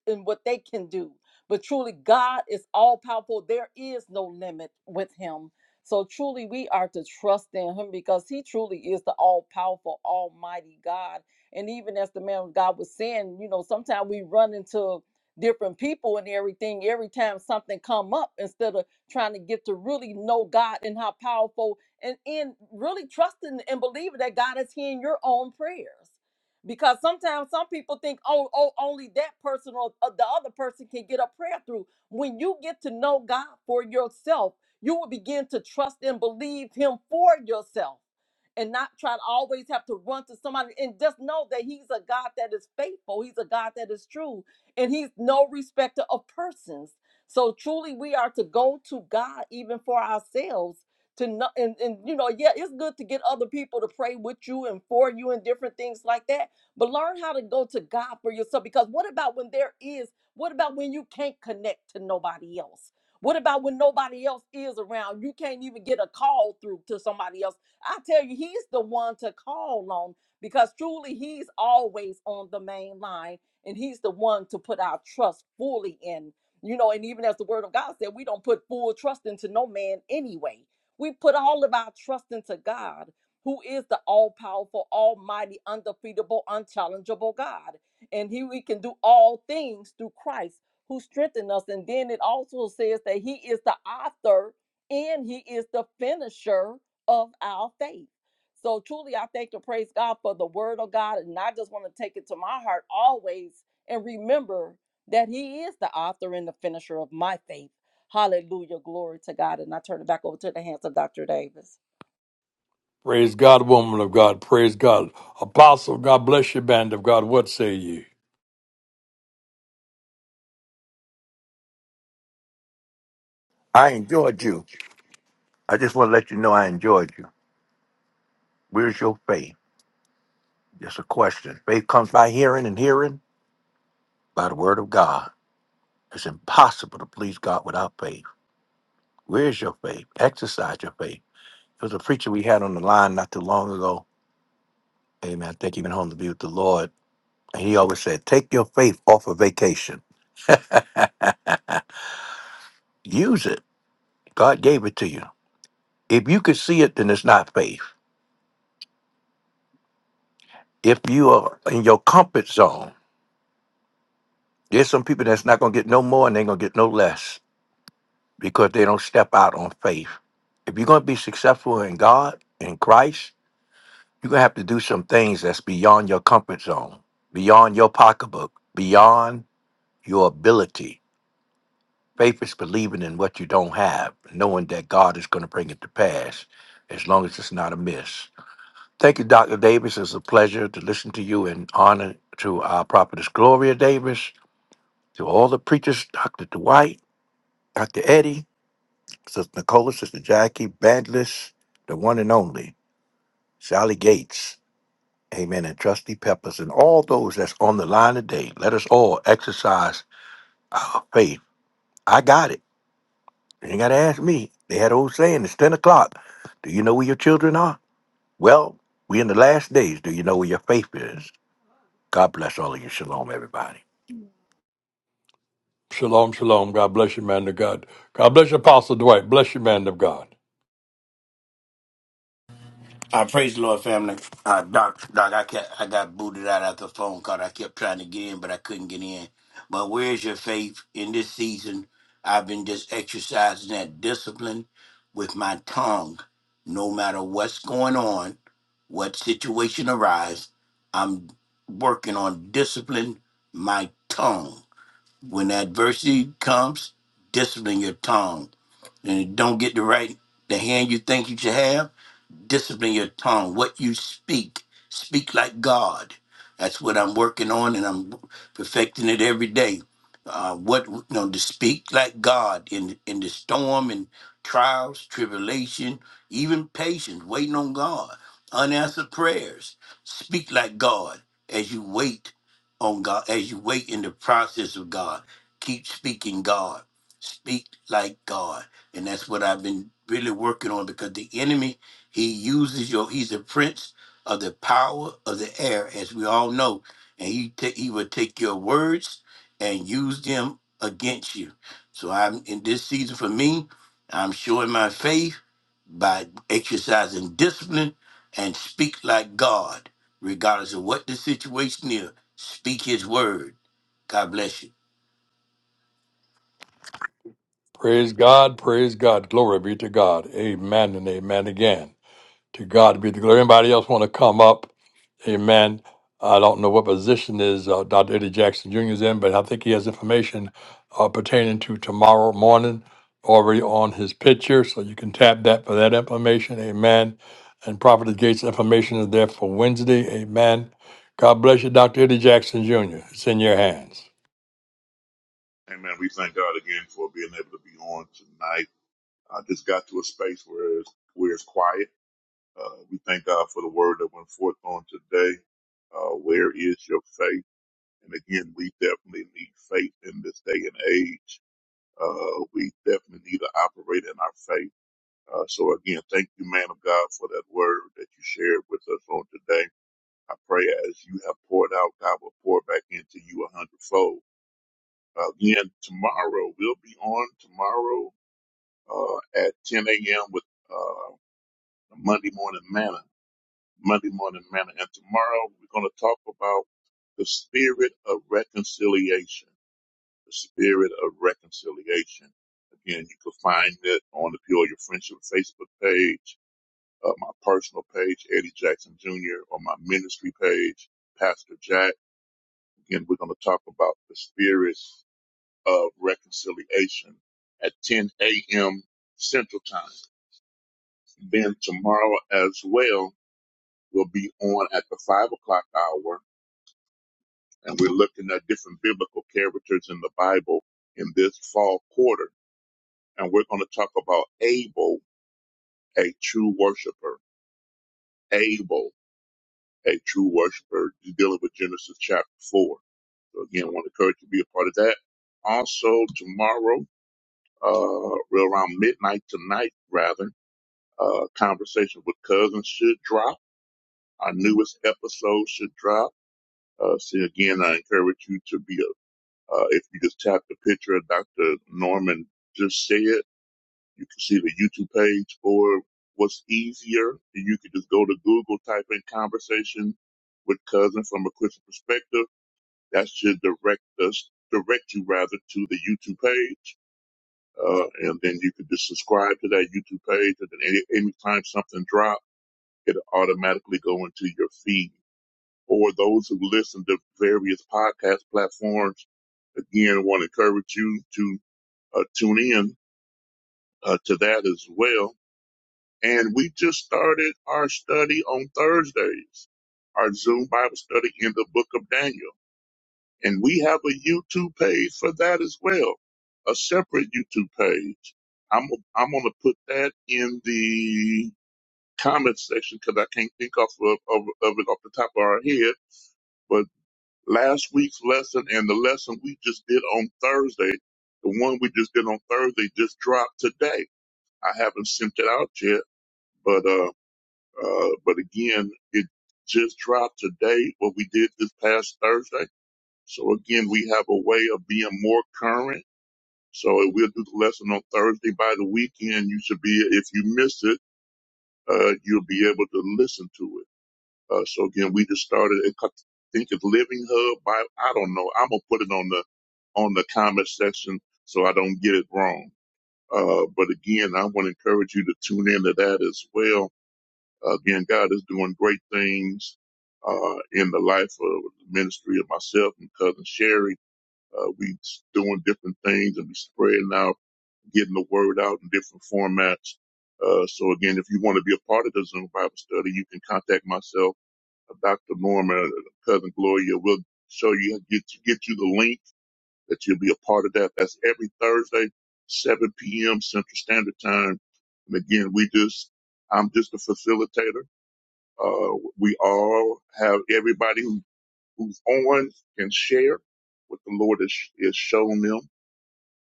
[SPEAKER 2] in what they can do, but truly God is all powerful. There is no limit with him. So truly we are to trust in him because he truly is the all powerful almighty God. And even as the man of God was saying, you know, sometimes we run into different people and everything every time something come up instead of trying to get to really know God and how powerful and in really trusting and believing that God is hearing your own prayers. Because sometimes some people think, oh, oh, only that person or or the other person can get a prayer through. When you get to know God for yourself, you will begin to trust and believe Him for yourself and not try to always have to run to somebody and just know that he's a God that is faithful. He's a God that is true and he's no respecter of persons. So truly we are to go to God even for ourselves to know and, and you know, yeah, it's good to get other people to pray with you and for you and different things like that. But learn how to go to God for yourself because what about when there is what about when you can't connect to nobody else? What about when nobody else is around? You can't even get a call through to somebody else I tell you, he's the one to call on because truly he's always on the main line and he's the one to put our trust fully in. You know, and even as the word of God said, we don't put full trust into no man anyway. We put all of our trust into God, who is the all powerful, almighty, undefeatable, unchallengeable God. And he we can do all things through Christ who strengthened us. And then it also says that he is the author and he is the finisher of our faith. So truly, I thank and praise God for the word of God. And I just want to take it to my heart always and remember that He is the author and the finisher of my faith. Hallelujah. Glory to God. And I turn it back over to the hands of Dr. Davis.
[SPEAKER 1] Praise God, woman of God. Praise God. Apostle, God bless you, band of God. What say ye?
[SPEAKER 3] I enjoyed you. I just want to let you know I enjoyed you. Where's your faith? Just a question. Faith comes by hearing, and hearing by the word of God. It's impossible to please God without faith. Where's your faith? Exercise your faith. There was a preacher we had on the line not too long ago. Amen. I think he went home to be with the Lord. And he always said, Take your faith off a vacation. Use it. God gave it to you. If you could see it, then it's not faith. If you are in your comfort zone, there's some people that's not gonna get no more and they're gonna get no less because they don't step out on faith. If you're gonna be successful in God, in Christ, you're gonna have to do some things that's beyond your comfort zone, beyond your pocketbook, beyond your ability. Faith is believing in what you don't have, knowing that God is gonna bring it to pass, as long as it's not a miss. Thank you, Dr. Davis. It's a pleasure to listen to you and honor to our prophetess Gloria Davis, to all the preachers, Dr. Dwight, Dr. Eddie, Sister Nicola, Sister Jackie, Bandless, the one and only, Sally Gates, Amen, and Trusty Peppers, and all those that's on the line today. Let us all exercise our faith. I got it. You ain't got to ask me. They had old saying, it's 10 o'clock. Do you know where your children are? Well, we in the last days. Do you know where your faith is? God bless all of you. Shalom, everybody.
[SPEAKER 1] Shalom, shalom. God bless you, man of God. God bless you, Apostle Dwight. Bless you, man of God.
[SPEAKER 4] I praise the Lord, family. Uh, Doc, Doc, I, kept, I got booted out after the phone call. I kept trying to get in, but I couldn't get in. But where's your faith in this season? I've been just exercising that discipline with my tongue. No matter what's going on, what situation arrives, I'm working on discipline my tongue. When adversity comes, discipline your tongue. And it don't get the right the hand you think you should have discipline your tongue, what you speak. Speak like God. That's what I'm working on, and I'm perfecting it every day. Uh, what you know, to speak like God in in the storm and trials, tribulation, even patience, waiting on God, unanswered prayers. Speak like God as you wait on God, as you wait in the process of God. Keep speaking God. Speak like God, and that's what I've been really working on because the enemy he uses your. He's the prince of the power of the air, as we all know, and he ta- he will take your words and use them against you. So I'm in this season for me. I'm showing my faith by exercising discipline and speak like God, regardless of what the situation is. Speak His word. God bless you.
[SPEAKER 1] Praise God. Praise God. Glory be to God. Amen and amen again. To God be the glory. Anybody else want to come up? Amen. I don't know what position is uh, Dr. Eddie Jackson Jr. is in, but I think he has information uh, pertaining to tomorrow morning already on his picture, so you can tap that for that information. Amen. And Prophet Gates information is there for Wednesday. Amen. God bless you, Dr. Eddie Jackson Jr. It's in your hands.
[SPEAKER 5] Amen. We thank God again for being able to be on tonight. I just got to a space where it's, where it's quiet. Uh, we thank God for the word that went forth on today. Uh, where is your faith? And again, we definitely need faith in this day and age. Uh, we definitely need to operate in our faith. Uh, so again, thank you, man of God, for that word that you shared with us on today. I pray as you have poured out, God will pour back into you a hundredfold. Uh, Again, tomorrow we'll be on tomorrow uh, at 10 a.m. with uh, Monday Morning Manna. Monday Morning Manna. And tomorrow we're going to talk about the spirit of reconciliation. The spirit of reconciliation. Again, you can find it on the Peoria Friendship Facebook page, uh, my personal page, Eddie Jackson Jr., or my ministry page, Pastor Jack. Again, we're going to talk about the spirit of reconciliation at 10 a.m. Central Time. Then tomorrow as well will be on at the five o'clock hour, and we're looking at different biblical characters in the Bible in this fall quarter. And we're going to talk about Abel, a true worshiper. Abel, a true worshiper, dealing with Genesis chapter four. So again, I want to encourage you to be a part of that. Also tomorrow, uh, real around midnight tonight, rather, uh, conversation with cousins should drop. Our newest episode should drop Uh, see, again, I encourage you to be a, uh, if you just tap the picture of Dr. Norman just said, you can see the YouTube page or what's easier. You could just go to Google, type in conversation with cousin from a Christian perspective. That should direct us, direct you rather to the YouTube page. Uh, and then you could just subscribe to that YouTube page. And then any, anytime something drops, it'll automatically go into your feed or those who listen to various podcast platforms. Again, I want to encourage you to uh, tune in uh, to that as well. And we just started our study on Thursdays, our Zoom Bible study in the book of Daniel. And we have a YouTube page for that as well, a separate YouTube page. I'm, I'm going to put that in the comment section because I can't think off of, of, of it off the top of our head but. last week's lesson and the lesson we just did on Thursday, the one we just did on Thursday just dropped today. I haven't sent it out yet, but uh, uh, but again, it just dropped today. What we did this past Thursday. So again, we have a way of being more current. So we'll do the lesson on Thursday. By the weekend, you should be if you miss it, uh, you'll be able to listen to it. Uh, so again, we just started. It, I think it's Living Hub. I, I don't know. I'm gonna put it on the on the comment section so I don't get it wrong. Uh, but again, I want to encourage you to tune into that as well. Uh, Again, God is doing great things uh, in the life of the ministry of myself and cousin Sherry. Uh, we doing different things and we spreading out, getting the word out in different formats. Uh, so again, if you want to be a part of the Zoom Bible study, you can contact myself Dr. Norman, and Cousin Gloria. We'll show you get you, get you the link that you'll be a part of that. That's every Thursday, 7 p.m. Central Standard Time. And again, we just I'm just a facilitator. Uh, we all have everybody who, who's on can share what the Lord has, has shown them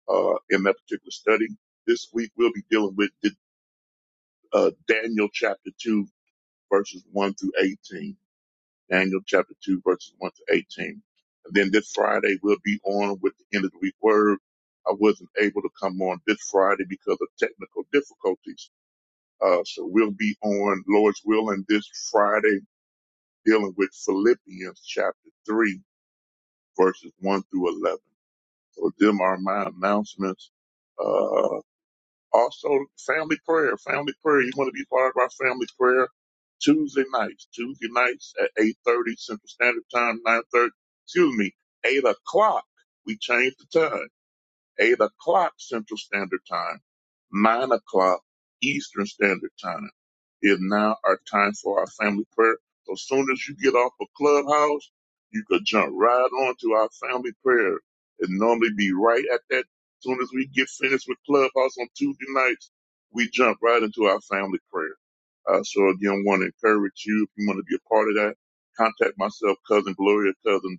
[SPEAKER 5] uh, in that particular study. This week we'll be dealing with uh, Daniel chapter two verses one through eighteen Daniel chapter 2, verses 1 to 18. And then this Friday, we'll be on with the end of the week word. I wasn't able to come on this Friday because of technical difficulties. Uh, so we'll be on Lord's willing this Friday dealing with Philippians chapter 3, verses 1 through 11. So them are my announcements. Uh, also, family prayer. Family prayer. You want to be part of our family prayer Tuesday nights. Tuesday nights at 8.30 Central Standard Time, 9.30, excuse me, 8 o'clock. We change the time. 8 o'clock Central Standard Time, 9 o'clock Eastern Standard Time. Is now our time for our family prayer. So as soon as you get off of Clubhouse, you could jump right on to our family prayer. It normally be right at that. As soon as we get finished with Clubhouse on Tuesday nights, we jump right into our family prayer. Uh, so again, want to encourage you if you want to be a part of that. Contact myself, cousin Gloria, cousin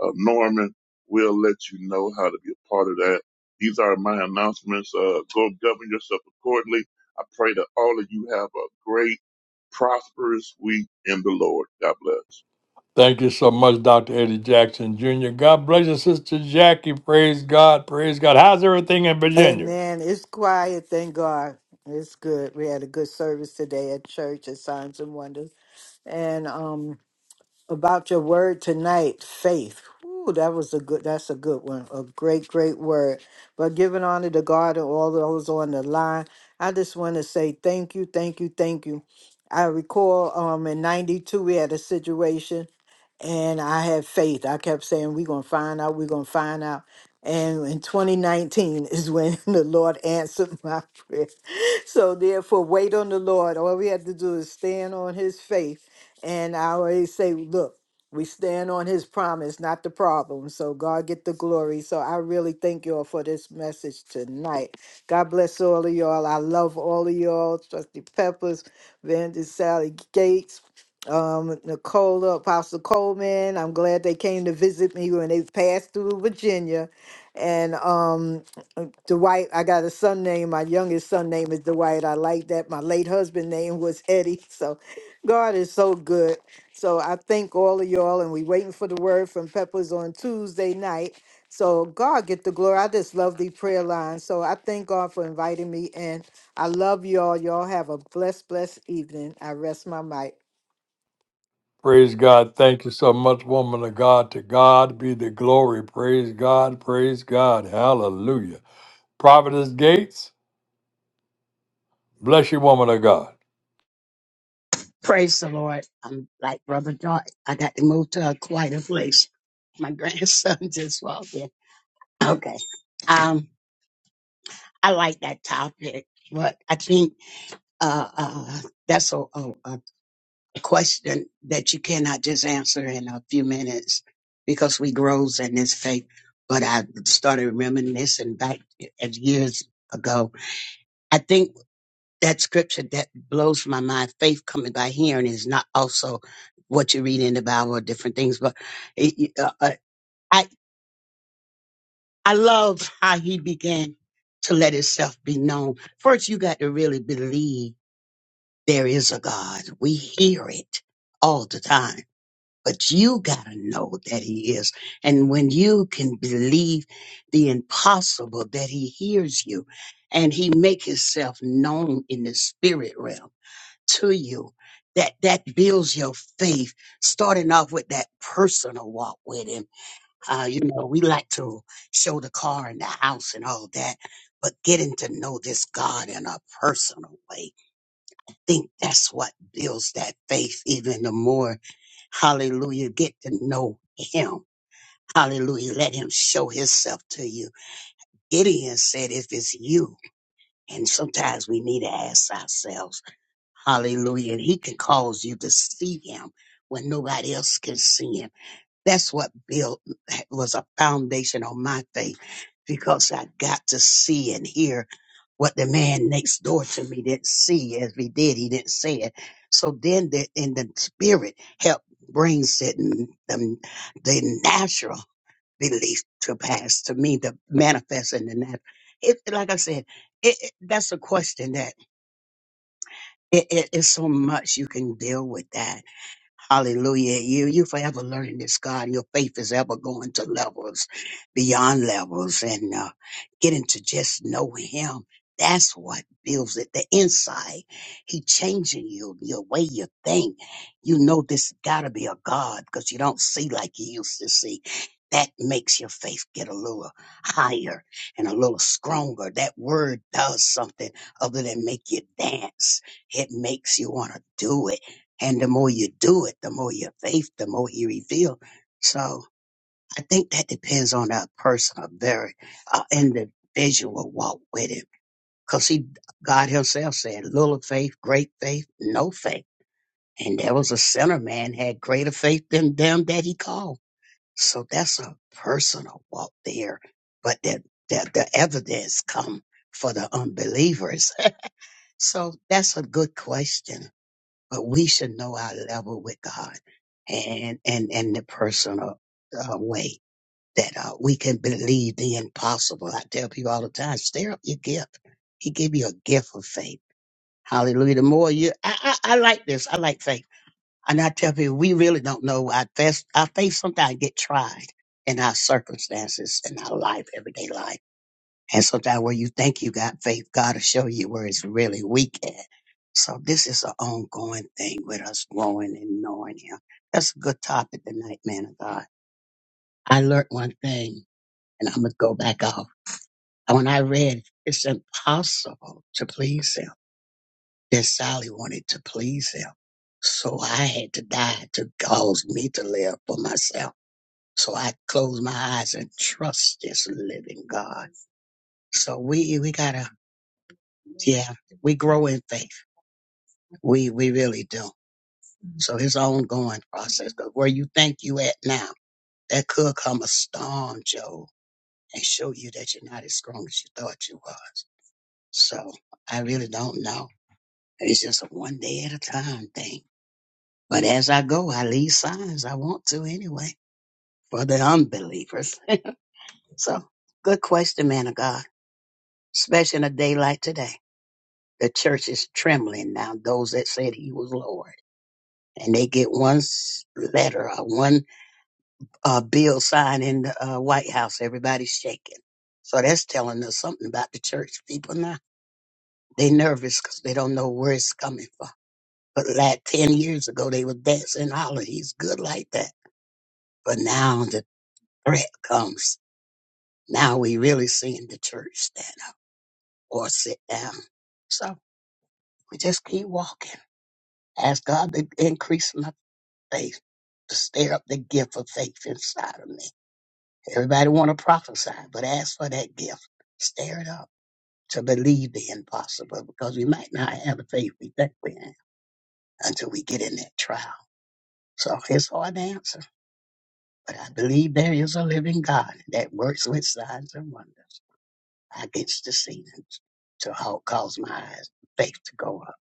[SPEAKER 5] uh, Norman. will let you know how to be a part of that. These are my announcements. Uh, go govern yourself accordingly. I pray that all of you have a great, prosperous week in the Lord. God bless.
[SPEAKER 1] Thank you so much, Dr. Eddie Jackson Jr. God bless you, Sister Jackie. Praise God. Praise God. How's everything in Virginia?
[SPEAKER 6] Amen. It's quiet, thank God. It's good. We had a good service today at church at Signs and Wonders. And um about your word tonight, faith. Ooh, that was a good. That's a good one. A great, great word. But giving honor to God and all those on the line, I just want to say thank you, thank you, thank you. I recall um in '92 we had a situation, and I had faith. I kept saying we're gonna find out, we're gonna find out. And in 2019 is when the Lord answered my prayer. So therefore, wait on the Lord. All we have to do is stand on His faith and I always say, look, we stand on his promise, not the problem. So God get the glory. So I really thank y'all for this message tonight. God bless all of y'all. I love all of y'all. Trusty Peppers, Vander Sally Gates, um, Nicola, Apostle Coleman. I'm glad they came to visit me when they passed through Virginia. And um Dwight, I got a son name. My youngest son name is Dwight. I like that. My late husband name was Eddie. So God is so good. So I thank all of y'all and we waiting for the word from Peppers on Tuesday night. So God get the glory. I just love the prayer line. So I thank God for inviting me and I love y'all. Y'all have a blessed, blessed evening. I rest my mic.
[SPEAKER 1] Praise God. Thank you so much, woman of God. To God be the glory. Praise God. Praise God. Hallelujah. Prophetess Gates, bless you, woman of God.
[SPEAKER 7] Praise the Lord. I'm like Brother Joy. I got to move to a quieter place. My grandson just walked in. Okay. Um, I like that topic, but I think uh, uh, that's a, a, a question that you cannot just answer in a few minutes because we grows in this faith. But I started reminiscing back as years ago. I think that scripture that blows my mind. Faith coming by hearing is not also what you read in the Bible or different things, but it, it- uh, uh, I I love how he began to let himself be known. First, you got to really believe there is a God. We hear it all the time, but you got to know that He is. And when you can believe the impossible, that He hears you, and He make Himself known in the spirit realm to you that that builds your faith starting off with that personal walk with him uh, you know we like to show the car and the house and all that but getting to know this god in a personal way I think that's what builds that faith even the more hallelujah get to know him hallelujah let him show himself to you gideon said if it's you and sometimes we need to ask ourselves Hallelujah. And he can cause you to see him when nobody else can see him. That's what built was a foundation on my faith because I got to see and hear what the man next door to me didn't see as he did. He didn't say it. So then the, in the spirit helped brings it n- the, the natural belief to pass to me, the manifest in the natural. It, like I said, it, it- that's a question it, it is so much you can deal with that. Hallelujah. You you forever learning this, God. Your faith is ever going to levels beyond levels and uh, getting to just know him. That's what builds it. The inside. He changing you, your way you think. You know this gotta be a God because you don't see like you used to see. That makes your faith get a little higher and a little stronger. That word does something other than make you dance. It makes you want to do it and the more you do it, the more your faith, the more you reveal. So I think that depends on our personal, very uh, individual walk with him. Because he, God himself said, little faith, great faith, no faith. And there was a sinner man had greater faith than them that he called. So that's a personal walk there. But that, that the evidence come for the unbelievers. So that's a good question but we should know our level with God and and and the personal uh, way that uh, we can believe the impossible. I tell people all the time, stir up your gift. He give you a gift of faith. Hallelujah. The more you, I, I, I like this. I like faith. And I tell people, we really don't know. I face, I face sometimes get tried in our circumstances in our life, everyday life. And so, that where you think you got faith, God will show you where it's really weak at. So this is an ongoing thing with us growing and knowing Him. That's a good topic tonight, man of God. I learned one thing, and I'm gonna go back off. And When I read, it's impossible to please Him. Then Sally wanted to please Him, so I had to die to cause me to live for myself. So I closed my eyes and trust this living God. So we we gotta Yeah, we grow in faith. We we really do. So it's an ongoing process. 'Cause where you think you at now, that could come a storm, Joe, and show you that you're not as strong as you thought you was. So I really don't know. It's just a one day at a time thing. But as I go, I leave signs. I want to anyway for the unbelievers. so good question, man of God. Especially in a day like today, the church is trembling now. Those that said he was Lord. and they get one s- letter or one uh, bill signed in the uh, White House. Everybody's shaking. So that's telling us something about the church people now. They nervous because they don't know where it's coming from. But like 10 years ago, they were dancing holler. He's good like that. But now the threat comes. Now we really seeing the church stand up or sit down. So we just keep walking. Ask God to increase my faith, to stir up the gift of faith inside of me. Everybody want to prophesy, but ask for that gift. Stir it up to believe the impossible because we might not have the faith we think we have until we get in that trial. So it's hard to answer, but I believe there is a living God that works with signs and wonders against the scenes to help cause my eyes, faith to go up.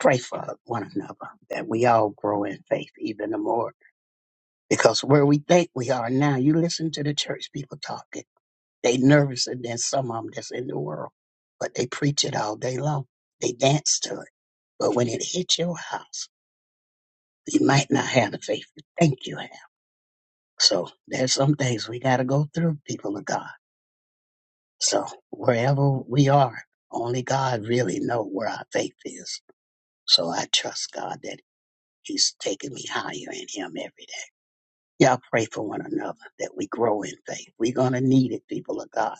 [SPEAKER 7] Pray for one another that we all grow in faith even the more because where we think we are now, you listen to the church people talking. They nervouser than some of them that's in the world, but they preach it all day long. They dance to it. But when it hits your house, you might not have the faith you think you have. So there's some things we got to go through, people of God. So wherever we are, only God really know where our faith is. So I trust God that He's taking me higher in Him every day. Y'all pray for one another that we grow in faith. We're gonna need it, people of God.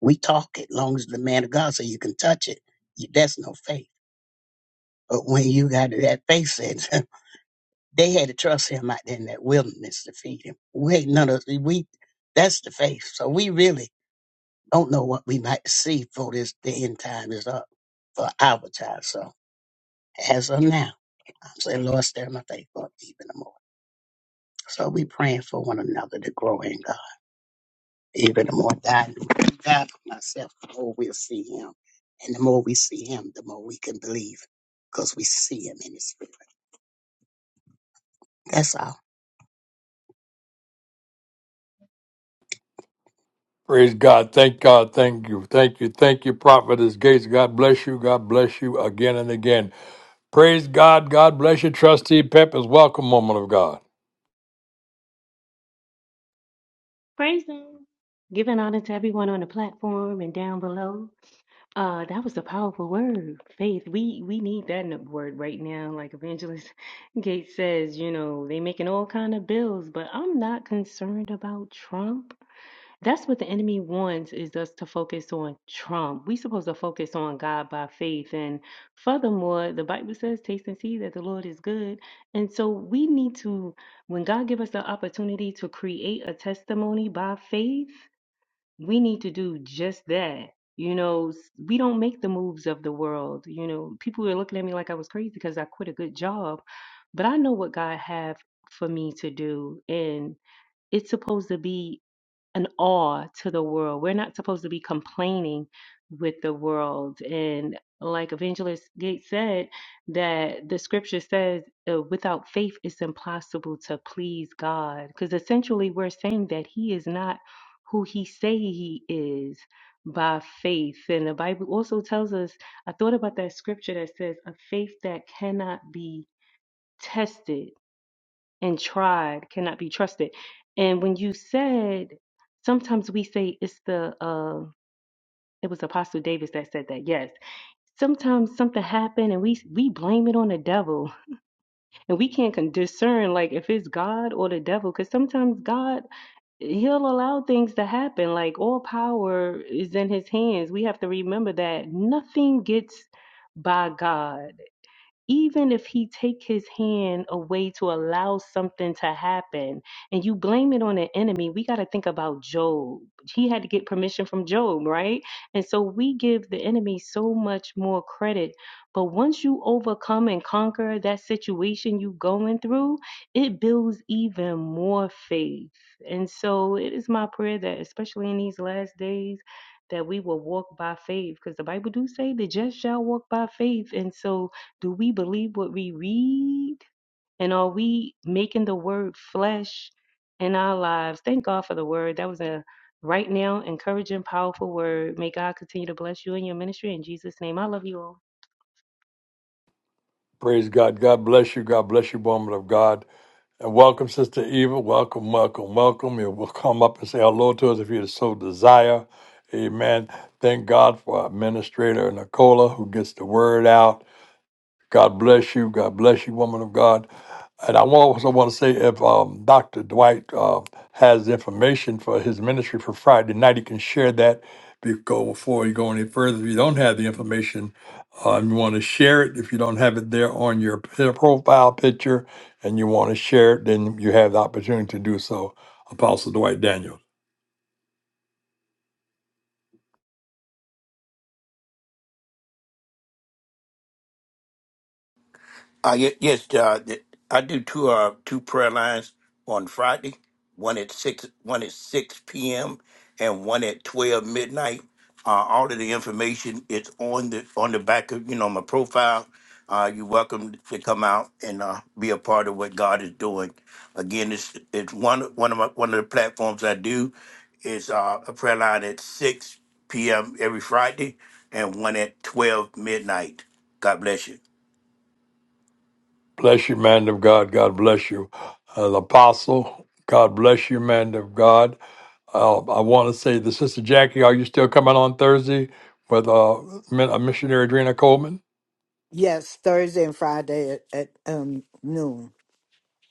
[SPEAKER 7] We talk it long as the man of God so you can touch it. You- That's no faith. But when you got that faith sense, they had to trust him out there in that wilderness to feed him. Wait, none of we that's the faith. So we really don't know what we might see for this the end time is up for our time. So as of now, I'm saying, Lord, stir my faith up even more. So we praying for one another to grow in God. Even the more that I know he died for myself, the more we'll see him. And the more we see him, the more we can believe because we see him in the spirit. That's all.
[SPEAKER 1] Praise God. Thank God. Thank you. Thank you. Thank you, Prophetess Gates. God bless you. God bless you again and again. Praise God. God bless you, Trustee Peppers. Welcome, woman of God.
[SPEAKER 8] Praise Him. Giving honor to everyone on the platform and down below. Uh, that was a powerful word, faith. We we need that in the word right now. Like Evangelist Gates says, you know, they making all kind of bills, but I'm not concerned about Trump. That's what the enemy wants is us to focus on Trump. we supposed to focus on God by faith. And furthermore, the Bible says, taste and see that the Lord is good. And so we need to, when God give us the opportunity to create a testimony by faith, we need to do just that. You know, s- we don't make the moves of the world. You know, people were looking at me like I was crazy because I quit a good job. But I know what God have for me to do. And it's supposed to be an awe to the world. We're not supposed to be complaining with the world. And like Evangelist Gates said, that the scripture says, uh, without faith, it's impossible to please God. Because essentially, we're saying that He is not who He say He is by faith. And the Bible also tells us, I thought about that scripture that says, a faith that cannot be tested and tried cannot be trusted. And when you said, sometimes we say it's the uh, it was Apostle Davis that said that. Yes, sometimes something happened and we we blame it on the devil, and we can't con- discern like if it's God or the devil, because sometimes God he'll allow things to happen. Like all power is in His hands. We have to remember that nothing gets by God even if he take his hand away to allow something to happen and you blame it on an enemy we got to think about job he had to get permission from job right and so we give the enemy so much more credit but once you overcome and conquer that situation you going through it builds even more faith and so it is my prayer that especially in these last days that we will walk by faith because the bible do say the just shall walk by faith and so do we believe what we read? And are we making the word flesh in our lives? Thank God for the word. That was a right now encouraging, powerful word. May God continue to bless you in your ministry. In Jesus' name, I love you all.
[SPEAKER 1] Praise God. God bless you. God bless you, woman of God. And welcome, Sister Eva. Welcome, welcome, welcome. You will come up and say hello to us if you so desire. Amen. Thank God for our administrator, Nicola, who gets the word out. God bless you. God bless you, woman of God. And I wa- also want to say if um, Dr. Dwight uh, has information for his ministry for Friday night, he can share that before, before you go any further. If you don't have the information, uh, and you want to share it. If you don't have it there on your p- profile picture and you want to share it, then you have the opportunity to do so, Apostle Dwight Daniel.
[SPEAKER 4] Uh, ye- yes, uh, th- I do two uh, two prayer lines on Friday. One at six, one at six p.m. and one at twelve midnight. Uh, all of the information is on the on the back of you know my profile. Uh, you're welcome to come out and uh, be a part of what God is doing. Again, it's it's one one of my one of the platforms I do is uh, a prayer line at six p.m. every Friday and one at twelve midnight. God bless you.
[SPEAKER 1] Bless you, man of God. God bless you. Uh, Apostle, God bless you, man of God. Uh, I want to say the Sister Jackie, are you still coming on Thursday with uh, min- uh, missionary Adrena Coleman?
[SPEAKER 6] Yes, Thursday and Friday at, at um noon.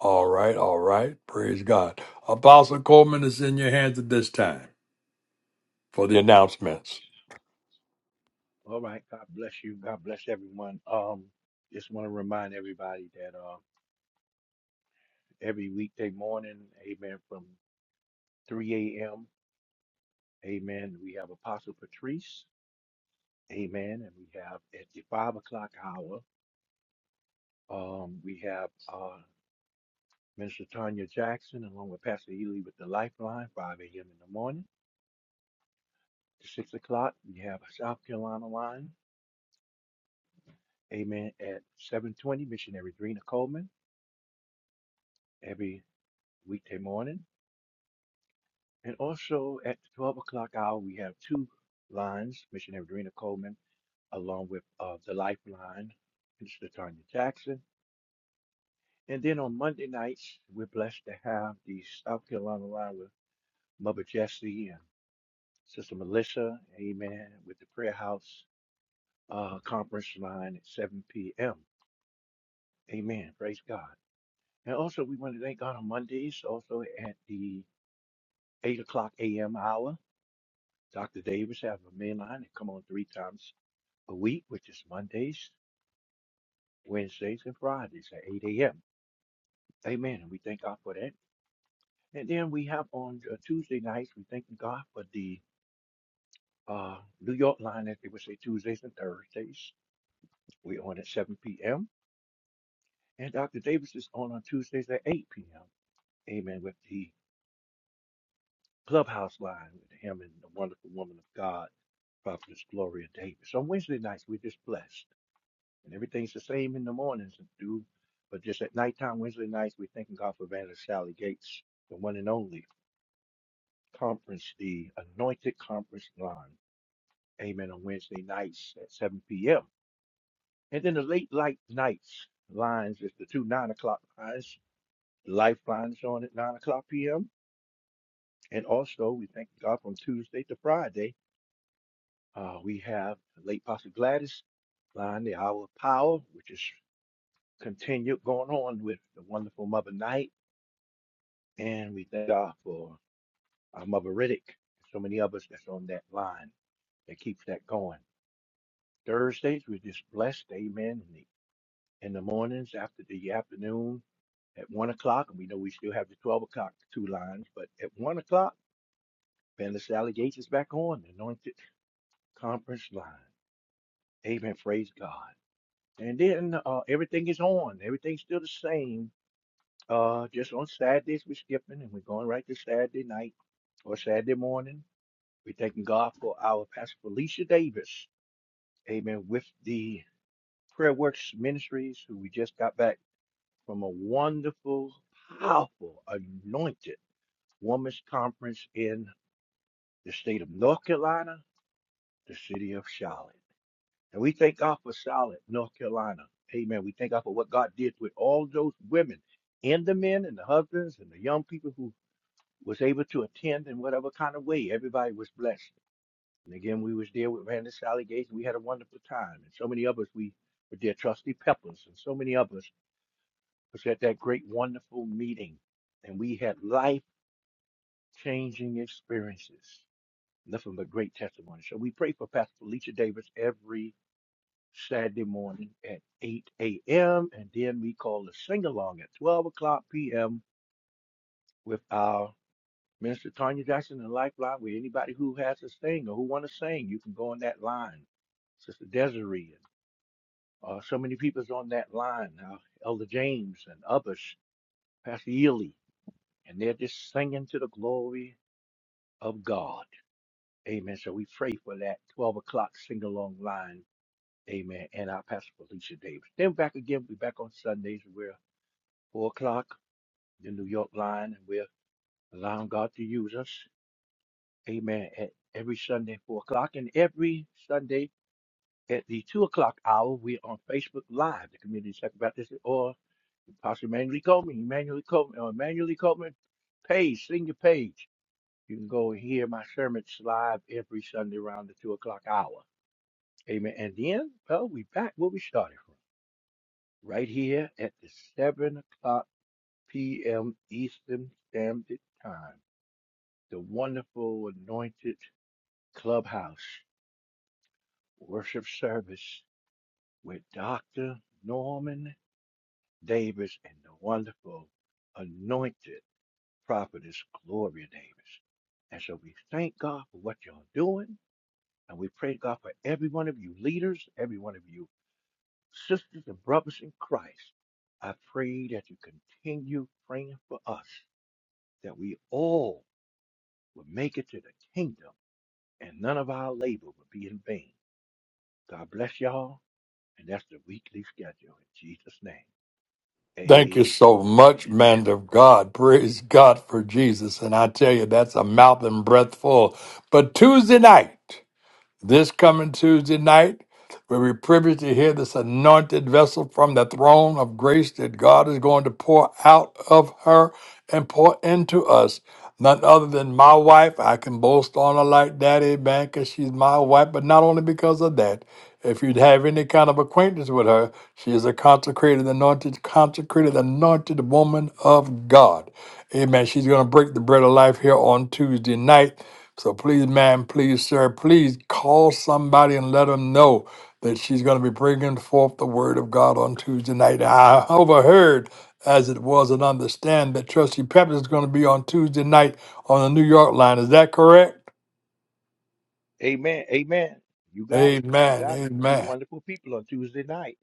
[SPEAKER 1] All right, all right. Praise God. Apostle Coleman is in your hands at this time for the announcements.
[SPEAKER 3] All right. God bless you. God bless everyone. Um, just want to remind everybody that uh, every weekday morning, amen, from 3 a.m., amen, we have Apostle Patrice, amen, and we have at the 5 o'clock hour, um, we have uh, Minister Tanya Jackson along with Pastor Ely with the Lifeline, 5 a.m. in the morning. To 6 o'clock, we have South Carolina Line, amen, at 7.20, Missionary Drina Coleman, every weekday morning. And also at the 12 o'clock hour, we have two lines, Missionary Rena Coleman, along with uh, the Lifeline, Mr. Tanya Jackson. And then on Monday nights, we're blessed to have the South Carolina line with Mother Jessie and Sister Melissa, amen, with the Prayer House uh, conference line at 7 p.m. Amen. Praise God. And also, we want to thank God on Mondays, also at the 8 o'clock a.m. hour. Dr. Davis have a main line and come on three times a week, which is Mondays, Wednesdays, and Fridays at 8 a.m. Amen. And we thank God for that. And then we have on uh, Tuesday nights, we thank God for the uh, New York line, as they would say, Tuesdays and Thursdays. We're on at 7 p.m. And Dr. Davis is on on Tuesdays at 8 p.m. Amen. With the clubhouse line with him and the wonderful woman of God, Prophetess Gloria Davis. On Wednesday nights, we're just blessed. And everything's the same in the mornings, dude. But just at nighttime, Wednesday nights, we're thanking God for Evangelist Sally Gates, the one and only conference, the anointed conference line. Amen. On Wednesday nights at 7 p.m. And then the late light nights lines is the two nine o'clock lines. Lifelines on at 9 o'clock p.m. And also, we thank God from Tuesday to Friday. Uh, we have the late Pastor Gladys line, the hour of power, which is continued going on with the wonderful Mother Night. And we thank God for our Mother Riddick, so many of us that's on that line that keeps that going. Thursdays, we're just blessed, amen. In the, in the mornings, after the afternoon, at one o'clock, and we know we still have the 12 o'clock two lines, but at one o'clock, Vanessa Sally Gates is back on, the anointed conference line. Amen. Praise God. And then uh, everything is on, everything's still the same. Uh, just on Saturdays, we're skipping and we're going right to Saturday night or Saturday morning We thanking God for our pastor Felicia Davis, amen, with the Prayer Works Ministries, who we just got back from a wonderful, powerful, anointed women's conference in the state of North Carolina, the city of Charlotte. And we thank God for Charlotte, North Carolina. Amen. We thank God for what God did with all those women and the men and the husbands and the young people who was able to attend in whatever kind of way. Everybody was blessed. And again, we was there with Randy Salligate, and we had a wonderful time. And so many of us, we were there, Trusty Peppers, and so many of us was at that great, wonderful meeting. And we had life-changing experiences, nothing but great testimony. So we pray for Pastor Felicia Davis every Saturday morning at 8 a.m. And then we call the sing-along at 12 o'clock p.m. with our Minister Tanya Jackson and Lifeline, where anybody who has a sing or who want to sing, you can go on that line. Sister Desiree Uh, so many people's on that line now, Elder James and others, Pastor Ely, and they're just singing to the glory of God. Amen. So we pray for that 12 o'clock sing along line. Amen. And our Pastor Felicia Davis. Then back again, we're back on Sundays. We're 4 o'clock, the New York line, and we're allowing God to use us. Amen. At every Sunday, 4 o'clock, and every Sunday at the 2 o'clock hour, we're on Facebook Live, the Community Second Baptist, or Pastor Emmanuel Coleman, Emmanuel Coleman, or Emmanuel Coleman page, senior page. You can go and hear my sermons live every Sunday around the two o'clock hour. Amen. And then, well, we back where we started from, right here at the seven o'clock p.m. Eastern Standard Time. The wonderful anointed clubhouse worship service with Dr. Norman Davis and the wonderful anointed prophetess Gloria Davis. And so we thank God for what y'all doing. And we pray God for every one of you leaders, every one of you sisters and brothers in Christ. I pray that you continue praying for us, that we all will make it to the kingdom and none of our labor will be in vain. God bless y'all. And that's the weekly schedule in Jesus' name.
[SPEAKER 1] Thank you
[SPEAKER 3] Amen.
[SPEAKER 1] so much, man of God. Praise God for Jesus. And I tell you, that's a mouth and breath full. But Tuesday night, This coming Tuesday night, we'll be privileged to hear this anointed vessel from the throne of grace that God is going to pour out of her and pour into us. None other than my wife. I can boast on her like that, amen, because she's my wife, but not only because of that. If you'd have any kind of acquaintance with her, she is a consecrated, anointed, consecrated, anointed woman of God. Amen. She's going to break the bread of life here on Tuesday night. So please, ma'am, please, sir, please call somebody and let them know that she's going to be bringing forth the word of God on Tuesday night. I overheard, as it was, and understand that Trustee Pepper is going to be on Tuesday night on the New York line. Is that correct?
[SPEAKER 3] Amen. Amen. You got it. You
[SPEAKER 1] Amen.
[SPEAKER 3] got it. Two
[SPEAKER 1] Amen.
[SPEAKER 3] wonderful people on Tuesday night.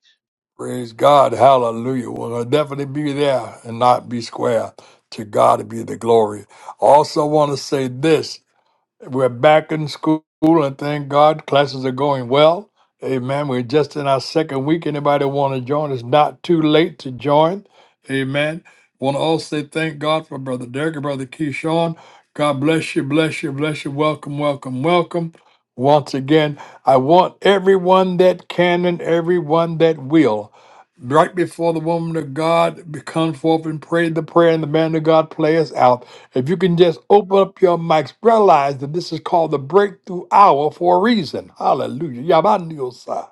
[SPEAKER 1] Praise God. Hallelujah. Well, I'll definitely be there and not be square. To God be the glory. Also, want to say this. We're back in school, and thank God classes are going well. Amen. We're just in our second week. Anybody want to join? It's not too late to join. Amen. Want to also say thank God for Brother Derek and Brother Keyshawn. God bless you, bless you, bless you. Welcome, welcome, welcome. Once again, I want everyone that can and everyone that will right before the woman of God comes forth and prays the prayer and the man of God plays out. If you can just open up your mics, realize that this is called the breakthrough hour for a reason. Hallelujah. Yabandiosai.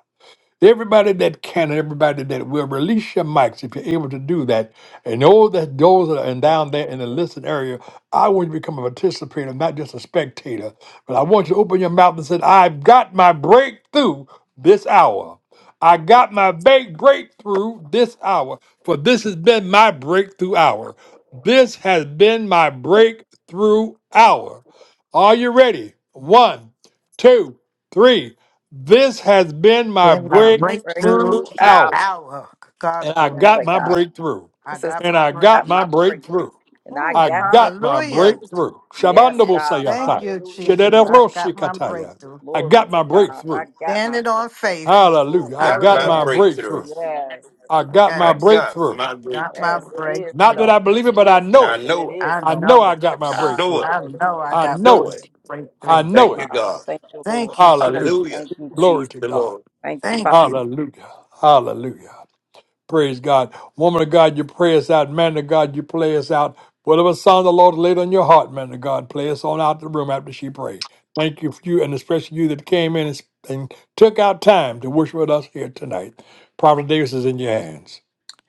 [SPEAKER 1] Everybody that can and everybody that will release your mics if you're able to do that. And all that those that are in- down there in the listen area, I want you to become a participator, not just a spectator. But I want you to open your mouth and say, I've got my breakthrough this hour. I got my big breakthrough this hour. For this has been my breakthrough hour. This has been my breakthrough hour. Are you ready? One, two, three. This has been my
[SPEAKER 6] In my
[SPEAKER 2] My
[SPEAKER 1] breakthrough
[SPEAKER 6] breakthrough
[SPEAKER 2] breakthrough out.
[SPEAKER 1] hour.
[SPEAKER 6] hour. God
[SPEAKER 1] And I
[SPEAKER 2] Glory
[SPEAKER 6] bless.
[SPEAKER 1] got
[SPEAKER 2] to
[SPEAKER 1] my
[SPEAKER 2] God.
[SPEAKER 1] breakthrough.
[SPEAKER 6] I
[SPEAKER 2] This is
[SPEAKER 6] got
[SPEAKER 1] And
[SPEAKER 6] my
[SPEAKER 1] I
[SPEAKER 2] got
[SPEAKER 1] got my
[SPEAKER 6] breakthrough.
[SPEAKER 2] my breakthrough.
[SPEAKER 1] breakthrough.
[SPEAKER 2] And I
[SPEAKER 1] I
[SPEAKER 6] Ooh,
[SPEAKER 2] got my
[SPEAKER 1] got my
[SPEAKER 6] hallelujah.
[SPEAKER 2] breakthrough.
[SPEAKER 1] breakthrough.
[SPEAKER 2] Yes,
[SPEAKER 1] Shabandabo
[SPEAKER 2] God.
[SPEAKER 6] Thank
[SPEAKER 1] sayata.
[SPEAKER 6] you,
[SPEAKER 2] Hallelujah,
[SPEAKER 6] Jesus.
[SPEAKER 2] Jesus.
[SPEAKER 6] I
[SPEAKER 1] Shedereroshi
[SPEAKER 6] got my
[SPEAKER 1] kataya.
[SPEAKER 6] breakthrough.
[SPEAKER 1] I
[SPEAKER 2] Glory
[SPEAKER 1] got
[SPEAKER 2] to
[SPEAKER 1] my
[SPEAKER 2] God. I
[SPEAKER 1] breakthrough.
[SPEAKER 2] got my
[SPEAKER 6] Standing on
[SPEAKER 2] breakthrough.
[SPEAKER 6] faith.
[SPEAKER 1] Hallelujah. I
[SPEAKER 4] Got
[SPEAKER 1] got
[SPEAKER 4] my
[SPEAKER 1] my
[SPEAKER 6] Hallelujah.
[SPEAKER 2] Yes.
[SPEAKER 1] breakthrough.
[SPEAKER 4] breakthrough.
[SPEAKER 2] Yes.
[SPEAKER 1] I got my
[SPEAKER 4] I
[SPEAKER 6] Yes.
[SPEAKER 4] got
[SPEAKER 1] breakthrough.
[SPEAKER 4] my
[SPEAKER 6] Got my
[SPEAKER 4] breakthrough.
[SPEAKER 2] Yes, it is
[SPEAKER 1] Not
[SPEAKER 6] breakthrough.
[SPEAKER 1] that
[SPEAKER 2] so,
[SPEAKER 1] I believe it,
[SPEAKER 2] and it
[SPEAKER 1] but I
[SPEAKER 2] is
[SPEAKER 1] know
[SPEAKER 2] so,
[SPEAKER 4] I
[SPEAKER 1] it.
[SPEAKER 2] and it
[SPEAKER 4] know it.
[SPEAKER 2] is
[SPEAKER 6] I
[SPEAKER 1] I
[SPEAKER 2] so.
[SPEAKER 1] know
[SPEAKER 6] know
[SPEAKER 1] I
[SPEAKER 6] it.
[SPEAKER 2] Yes,
[SPEAKER 1] got my
[SPEAKER 4] I
[SPEAKER 2] God,
[SPEAKER 4] know
[SPEAKER 1] breakthrough.
[SPEAKER 4] it.
[SPEAKER 6] I know
[SPEAKER 2] hallelujah.
[SPEAKER 6] I
[SPEAKER 1] I
[SPEAKER 6] got my
[SPEAKER 1] know
[SPEAKER 4] Know
[SPEAKER 1] it.
[SPEAKER 4] it.
[SPEAKER 1] I
[SPEAKER 6] breakthrough.
[SPEAKER 2] Thank
[SPEAKER 4] Thank
[SPEAKER 1] know
[SPEAKER 2] you,
[SPEAKER 4] you,
[SPEAKER 1] it.
[SPEAKER 2] Father.
[SPEAKER 4] God.
[SPEAKER 2] Thank you, Lord.
[SPEAKER 6] Thank you,
[SPEAKER 1] Hallelujah.
[SPEAKER 6] Jesus.
[SPEAKER 4] Hallelujah.
[SPEAKER 2] Thank you,
[SPEAKER 1] Glory
[SPEAKER 2] Jesus.
[SPEAKER 1] to
[SPEAKER 4] The
[SPEAKER 1] God.
[SPEAKER 4] Lord.
[SPEAKER 2] Thank you, Father.
[SPEAKER 6] Thank you.
[SPEAKER 1] Hallelujah. Hallelujah. Praise God. Woman of God, you pray us out. Man of God, you play us out. Whatever song the Lord laid on your heart, man of God, play us on out the room after she prayed. Thank you for you and especially you that came in and, and took out time to worship with us here tonight. Prophet Davis is in your hands.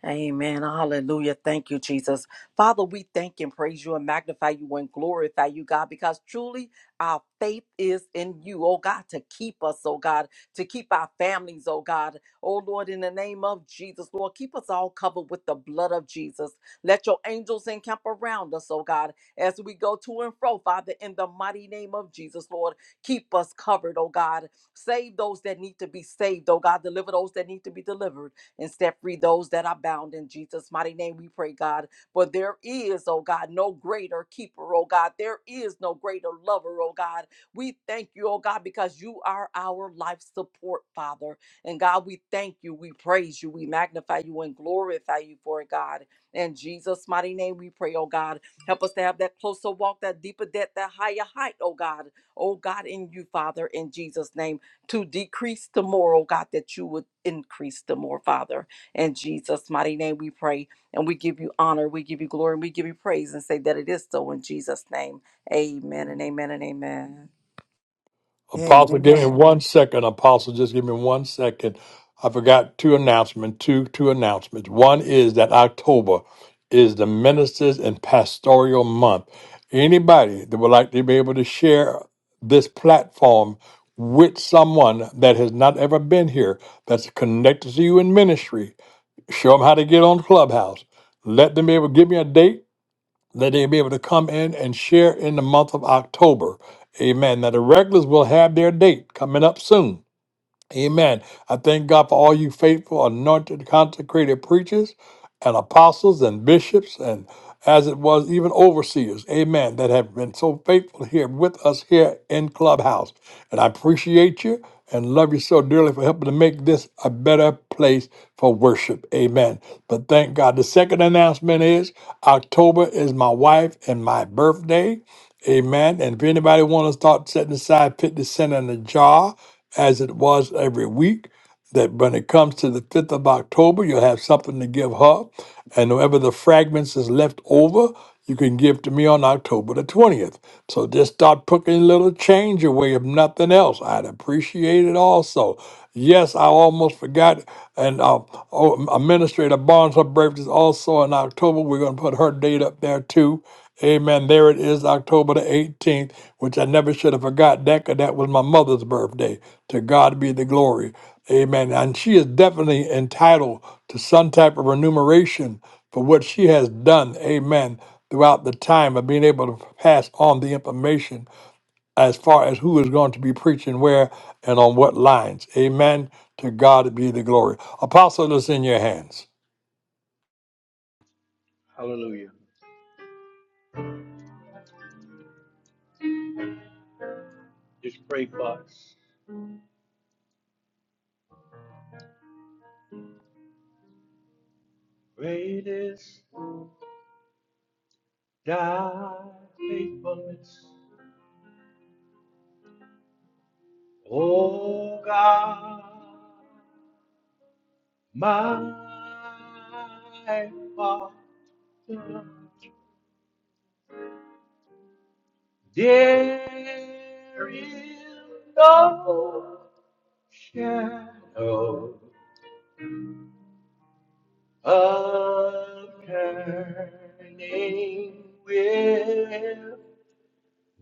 [SPEAKER 2] Amen. Hallelujah. Thank you, Jesus. Father, we thank and praise you and magnify you and glorify you, God, because truly our faith is in you, oh God, to keep us, oh God, to keep our families, oh God. Oh Lord, in the name of Jesus, Lord, keep us all covered with the blood of Jesus. Let your angels encamp around us, oh God, as we go to and fro, Father, in the mighty name of Jesus, Lord. Keep us covered, oh God. Save those that need to be saved, oh God. Deliver those that need to be delivered and set free those that are bound in Jesus' mighty name. We pray, God. For there is, oh God, no greater keeper, oh God. There is no greater lover, oh God. We thank you, oh God, because you are our life support, Father. And God, we thank you, we praise you, we magnify you, and glorify you for it, God. In Jesus' mighty name, we pray, oh God. Help us to have that closer walk, that deeper depth, that higher height, oh God. Oh God, in you, Father, in Jesus' name to decrease tomorrow, God, that you would increase the more, Father. In Jesus' mighty name we pray and we give you honor, we give you glory, and we give you praise and say that it is so in Jesus' name. Amen and amen and amen.
[SPEAKER 1] Apostle, give me
[SPEAKER 6] Amen.
[SPEAKER 1] one second. Apostle, just give me one second. I forgot two announcements. Two two announcements. One is that October is the ministers and pastoral month. Anybody that would like to be able to share this platform with someone that has not ever been here, that's connected to you in ministry, show them how to get on Clubhouse. Let them be able to give me a date that they'll be able to come in and share in the month of October. Amen. Now, the regulars will have their date coming up soon. Amen. I thank God for all you faithful, anointed, consecrated preachers and apostles and bishops and as it was even overseers, amen, that have been so faithful here with us here in Clubhouse. And I appreciate you and love you so dearly for helping to make this a better place for worship. Amen. But thank God. The second announcement is October is my wife and my birthday. Amen. And if anybody want to start setting aside 50 cents in a jar, as it was every week, that when it comes to the 5th of October, you'll have something to give her. And whoever the fragments is left over, you can give to me on October the 20th. So just start putting a little change away, if nothing else. I'd appreciate it also. Yes, I almost forgot. And uh, oh, Administrator Barnes, her birthday is also in October. We're going to put her date up there too. Amen. There it is, October the 18th, which I never should have forgot that because that was my mother's birthday. To God be the glory. Amen. And she is definitely entitled to some type of remuneration for what she has done. Amen. Throughout the time of being able to pass on the information as far as who is going to be preaching where and on what lines. Amen. To God be the glory. Apostle, it's in your hands.
[SPEAKER 3] Hallelujah. Just pray for us. Great is thy faithfulness, O God, my Father. There is no shadow of turning with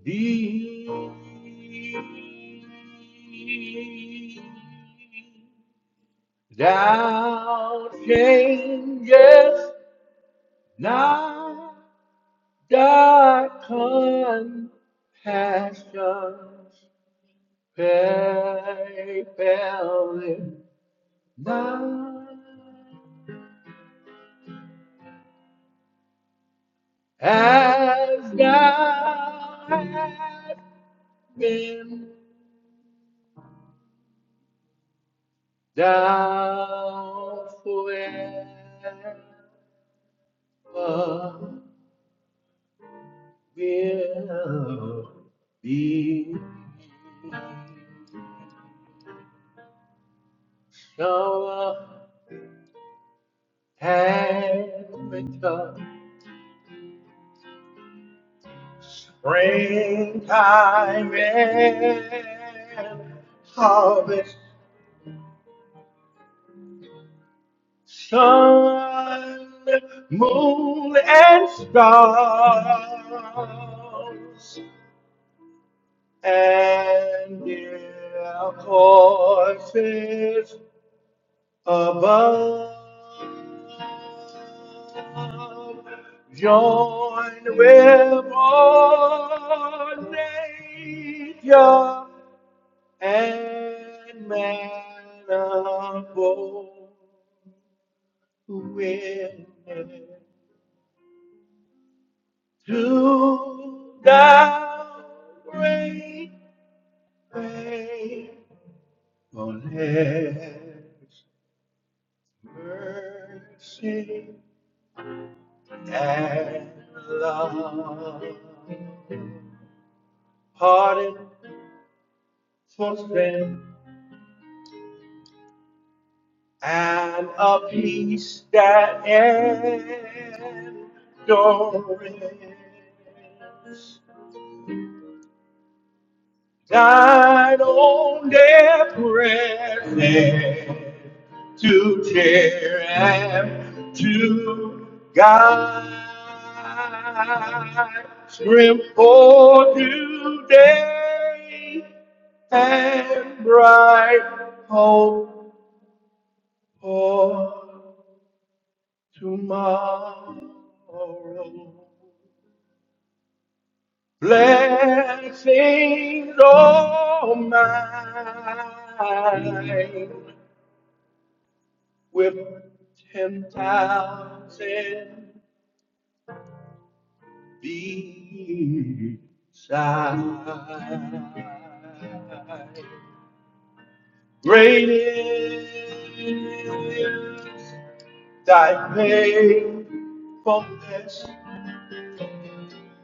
[SPEAKER 3] thee. Thou changest not thy compassions, failing not as thou hast been thou forever. will be shower and winter, springtime and harvest, sun, moon, and stars, and their voices above. Join with all nature and man above with to thy great faithfulness, mercy. and love, pardon for sin, and a peace that endures. died on their present to tear and to guide. Scrim for today and bright hope for tomorrow. Blessings all mine with ten thousand beside. Great is thy faithfulness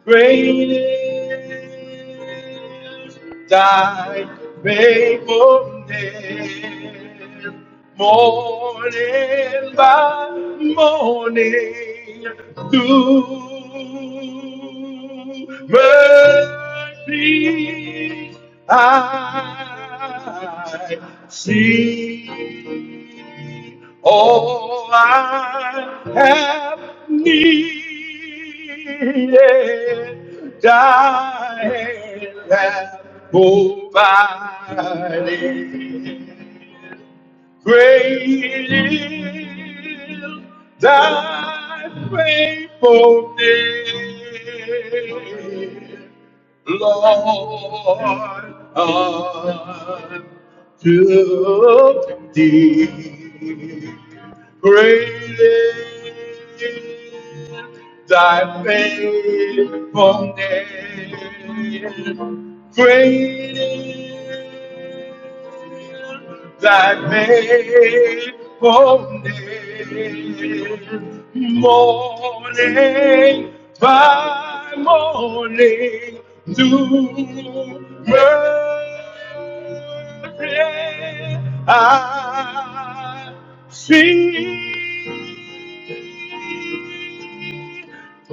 [SPEAKER 3] Great is thy faithfulness, morning by morning, through mercy I see. All I have needed, thy hand provided. Great is thy faithfulness. Lord, unto thee. Great is thy faithfulness. Great is thy faithfulness. Morning by morning, new mercy I see.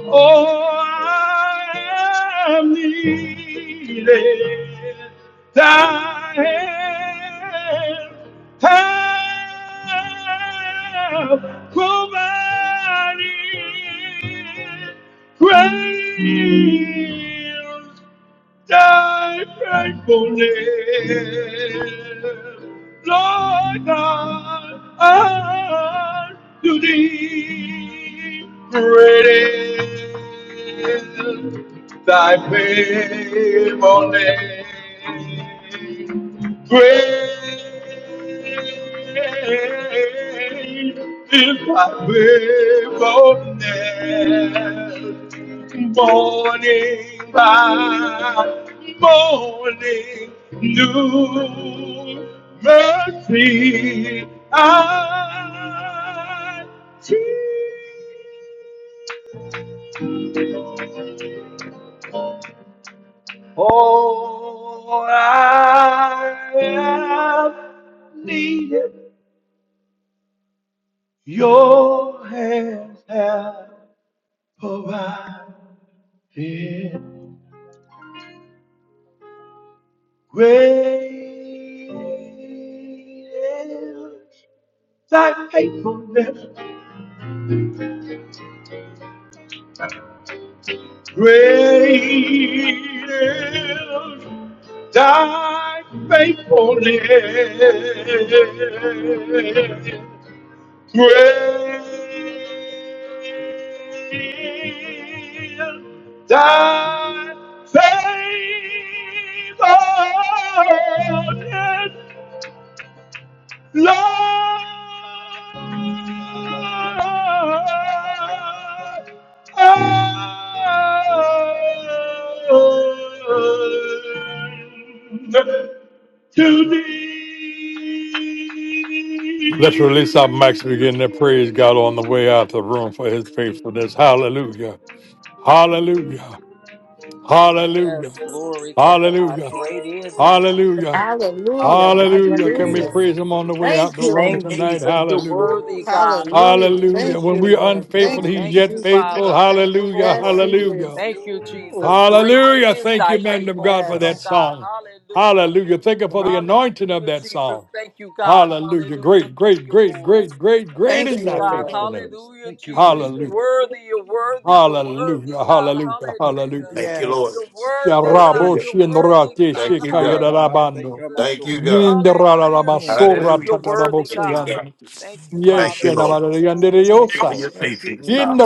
[SPEAKER 3] Oh, I am needed thy hand. Help, provided, great thy faithfulness, Lord God, to thee great is thy faithfulness, great is thy faithfulness morning by morning, new mercy I see. Oh, I have needed your hands have provided great is thy faithfulness. Great is thy faithfulness. Great is thy faithfulness. Lord, and to thee.
[SPEAKER 1] Let's release our mics, begin to praise God on the way out the room for his faithfulness. Hallelujah. Hallelujah. Hallelujah.
[SPEAKER 2] Yes, glory to God.
[SPEAKER 1] Hallelujah.
[SPEAKER 2] Great is thy
[SPEAKER 1] Hallelujah.
[SPEAKER 2] God.
[SPEAKER 6] Hallelujah.
[SPEAKER 2] Hallelujah,
[SPEAKER 1] Hallelujah. Can we
[SPEAKER 2] Jesus.
[SPEAKER 6] Hallelujah.
[SPEAKER 1] praise him on the way
[SPEAKER 2] Bless
[SPEAKER 1] out
[SPEAKER 6] Thank
[SPEAKER 1] the
[SPEAKER 2] your
[SPEAKER 1] room
[SPEAKER 6] you.
[SPEAKER 2] name,
[SPEAKER 1] tonight?
[SPEAKER 2] Jesus. You're
[SPEAKER 1] Hallelujah.
[SPEAKER 6] Ooh,
[SPEAKER 2] worthy, God.
[SPEAKER 6] hallelujah.
[SPEAKER 2] Hallelujah,
[SPEAKER 1] Hallelujah.
[SPEAKER 6] Thank
[SPEAKER 1] When
[SPEAKER 6] you,
[SPEAKER 1] we
[SPEAKER 2] Jesus.
[SPEAKER 1] are
[SPEAKER 6] Lord.
[SPEAKER 1] unfaithful,
[SPEAKER 6] Thank you,
[SPEAKER 1] he's
[SPEAKER 2] Thank
[SPEAKER 1] yet
[SPEAKER 2] you,
[SPEAKER 6] Jesus.
[SPEAKER 1] faithful.
[SPEAKER 2] Father. Thank you,
[SPEAKER 1] Hallelujah.
[SPEAKER 6] Yes,
[SPEAKER 2] Lord.
[SPEAKER 6] He
[SPEAKER 1] Hallelujah.
[SPEAKER 6] is.
[SPEAKER 2] Thank you, Jesus.
[SPEAKER 6] Ooh,
[SPEAKER 2] Great
[SPEAKER 1] Hallelujah.
[SPEAKER 2] is
[SPEAKER 1] Thank
[SPEAKER 2] thy
[SPEAKER 1] you, man of God,
[SPEAKER 2] faithfulness,
[SPEAKER 1] for that
[SPEAKER 2] oh
[SPEAKER 6] yes.
[SPEAKER 2] God.
[SPEAKER 1] song.
[SPEAKER 2] Hallelujah.
[SPEAKER 1] Hallelujah. Thank you for the anointing of
[SPEAKER 2] Hallelujah,
[SPEAKER 1] that
[SPEAKER 2] Jesus.
[SPEAKER 1] song.
[SPEAKER 2] Thank you, God.
[SPEAKER 1] Hallelujah.
[SPEAKER 2] Hallelujah.
[SPEAKER 1] Great,
[SPEAKER 2] Thank
[SPEAKER 1] great,
[SPEAKER 2] you,
[SPEAKER 1] great,
[SPEAKER 2] Lord.
[SPEAKER 1] great, great,
[SPEAKER 3] And I'm a
[SPEAKER 1] great
[SPEAKER 2] Thank
[SPEAKER 6] Thank
[SPEAKER 1] is
[SPEAKER 2] you,
[SPEAKER 3] shout
[SPEAKER 1] thy
[SPEAKER 6] you,
[SPEAKER 3] now.
[SPEAKER 2] God.
[SPEAKER 6] Lord.
[SPEAKER 1] faithfulness.
[SPEAKER 2] Hallelujah,
[SPEAKER 3] Thank you,
[SPEAKER 2] Jesus.
[SPEAKER 3] Jesus.
[SPEAKER 2] You're
[SPEAKER 1] Hallelujah.
[SPEAKER 2] worthy. You're worthy. You're worthy,
[SPEAKER 1] Hallelujah.
[SPEAKER 2] God.
[SPEAKER 1] Hallelujah.
[SPEAKER 2] Hallelujah.
[SPEAKER 1] Hallelujah.
[SPEAKER 4] Thank you, Lord.
[SPEAKER 2] You're
[SPEAKER 6] Yes.
[SPEAKER 2] worthy, God.
[SPEAKER 1] Sharabo
[SPEAKER 4] Hallelujah.
[SPEAKER 2] You're worthy,
[SPEAKER 1] shinrate
[SPEAKER 4] Thank
[SPEAKER 2] God.
[SPEAKER 4] you,
[SPEAKER 3] Lift
[SPEAKER 4] God.
[SPEAKER 3] up my
[SPEAKER 2] Hallelujah,
[SPEAKER 3] faith,
[SPEAKER 1] shikayarabando.
[SPEAKER 3] up
[SPEAKER 2] Jesus.
[SPEAKER 3] my
[SPEAKER 4] Thank you,
[SPEAKER 3] soul.
[SPEAKER 4] God.
[SPEAKER 2] Hallelujah,
[SPEAKER 3] Mm.
[SPEAKER 2] Jesus.
[SPEAKER 1] Yindarararamasora
[SPEAKER 4] Hallelujah.
[SPEAKER 2] You're worthy,
[SPEAKER 4] Thank you,
[SPEAKER 2] God.
[SPEAKER 1] tatarabosayanda.
[SPEAKER 4] God.
[SPEAKER 2] Thank you, Father.
[SPEAKER 4] Thank you, Lord.
[SPEAKER 2] Thank you, Lord.
[SPEAKER 3] Thank you,
[SPEAKER 4] For
[SPEAKER 1] Yeshenamarayandereyosa.
[SPEAKER 4] your
[SPEAKER 3] Lord.
[SPEAKER 2] Thank you,
[SPEAKER 4] faithfulness,
[SPEAKER 3] Mm.
[SPEAKER 4] God.
[SPEAKER 2] Jesus,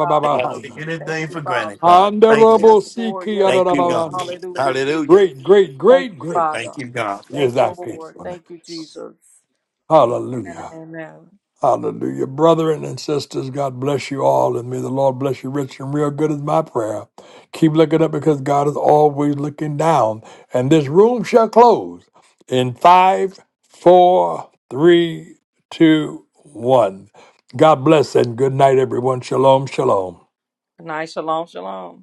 [SPEAKER 2] God.
[SPEAKER 3] Thank
[SPEAKER 4] And
[SPEAKER 3] you,
[SPEAKER 4] I
[SPEAKER 3] Jesus.
[SPEAKER 4] take
[SPEAKER 2] Thank
[SPEAKER 4] anything
[SPEAKER 3] Hallelujah.
[SPEAKER 2] you,
[SPEAKER 4] for
[SPEAKER 2] Father.
[SPEAKER 4] granted, God. Thank you.
[SPEAKER 2] Yes, Lord. Yes,
[SPEAKER 4] Thank you,
[SPEAKER 2] Lord.
[SPEAKER 4] God.
[SPEAKER 1] Anderobosikiyadarababando.
[SPEAKER 2] Hallelujah,
[SPEAKER 3] Mm.
[SPEAKER 4] Hallelujah.
[SPEAKER 2] Jesus.
[SPEAKER 1] Great, great,
[SPEAKER 2] Thank
[SPEAKER 1] great,
[SPEAKER 2] you,
[SPEAKER 1] great
[SPEAKER 2] Father.
[SPEAKER 4] Thank you, God.
[SPEAKER 1] is
[SPEAKER 2] Thank
[SPEAKER 1] thy
[SPEAKER 2] you, Lord. Thank you,
[SPEAKER 1] faithfulness.
[SPEAKER 2] Jesus. Amen and
[SPEAKER 1] Hallelujah.
[SPEAKER 2] amen.
[SPEAKER 1] Hallelujah. Brethren and sisters, God bless you all, and may the Lord bless you rich and real good is my prayer. Keep looking up because God is always looking down. And this room shall close in five, four, three, two, one. God bless and good night, everyone. Shalom, shalom.
[SPEAKER 2] Good night. Shalom, shalom.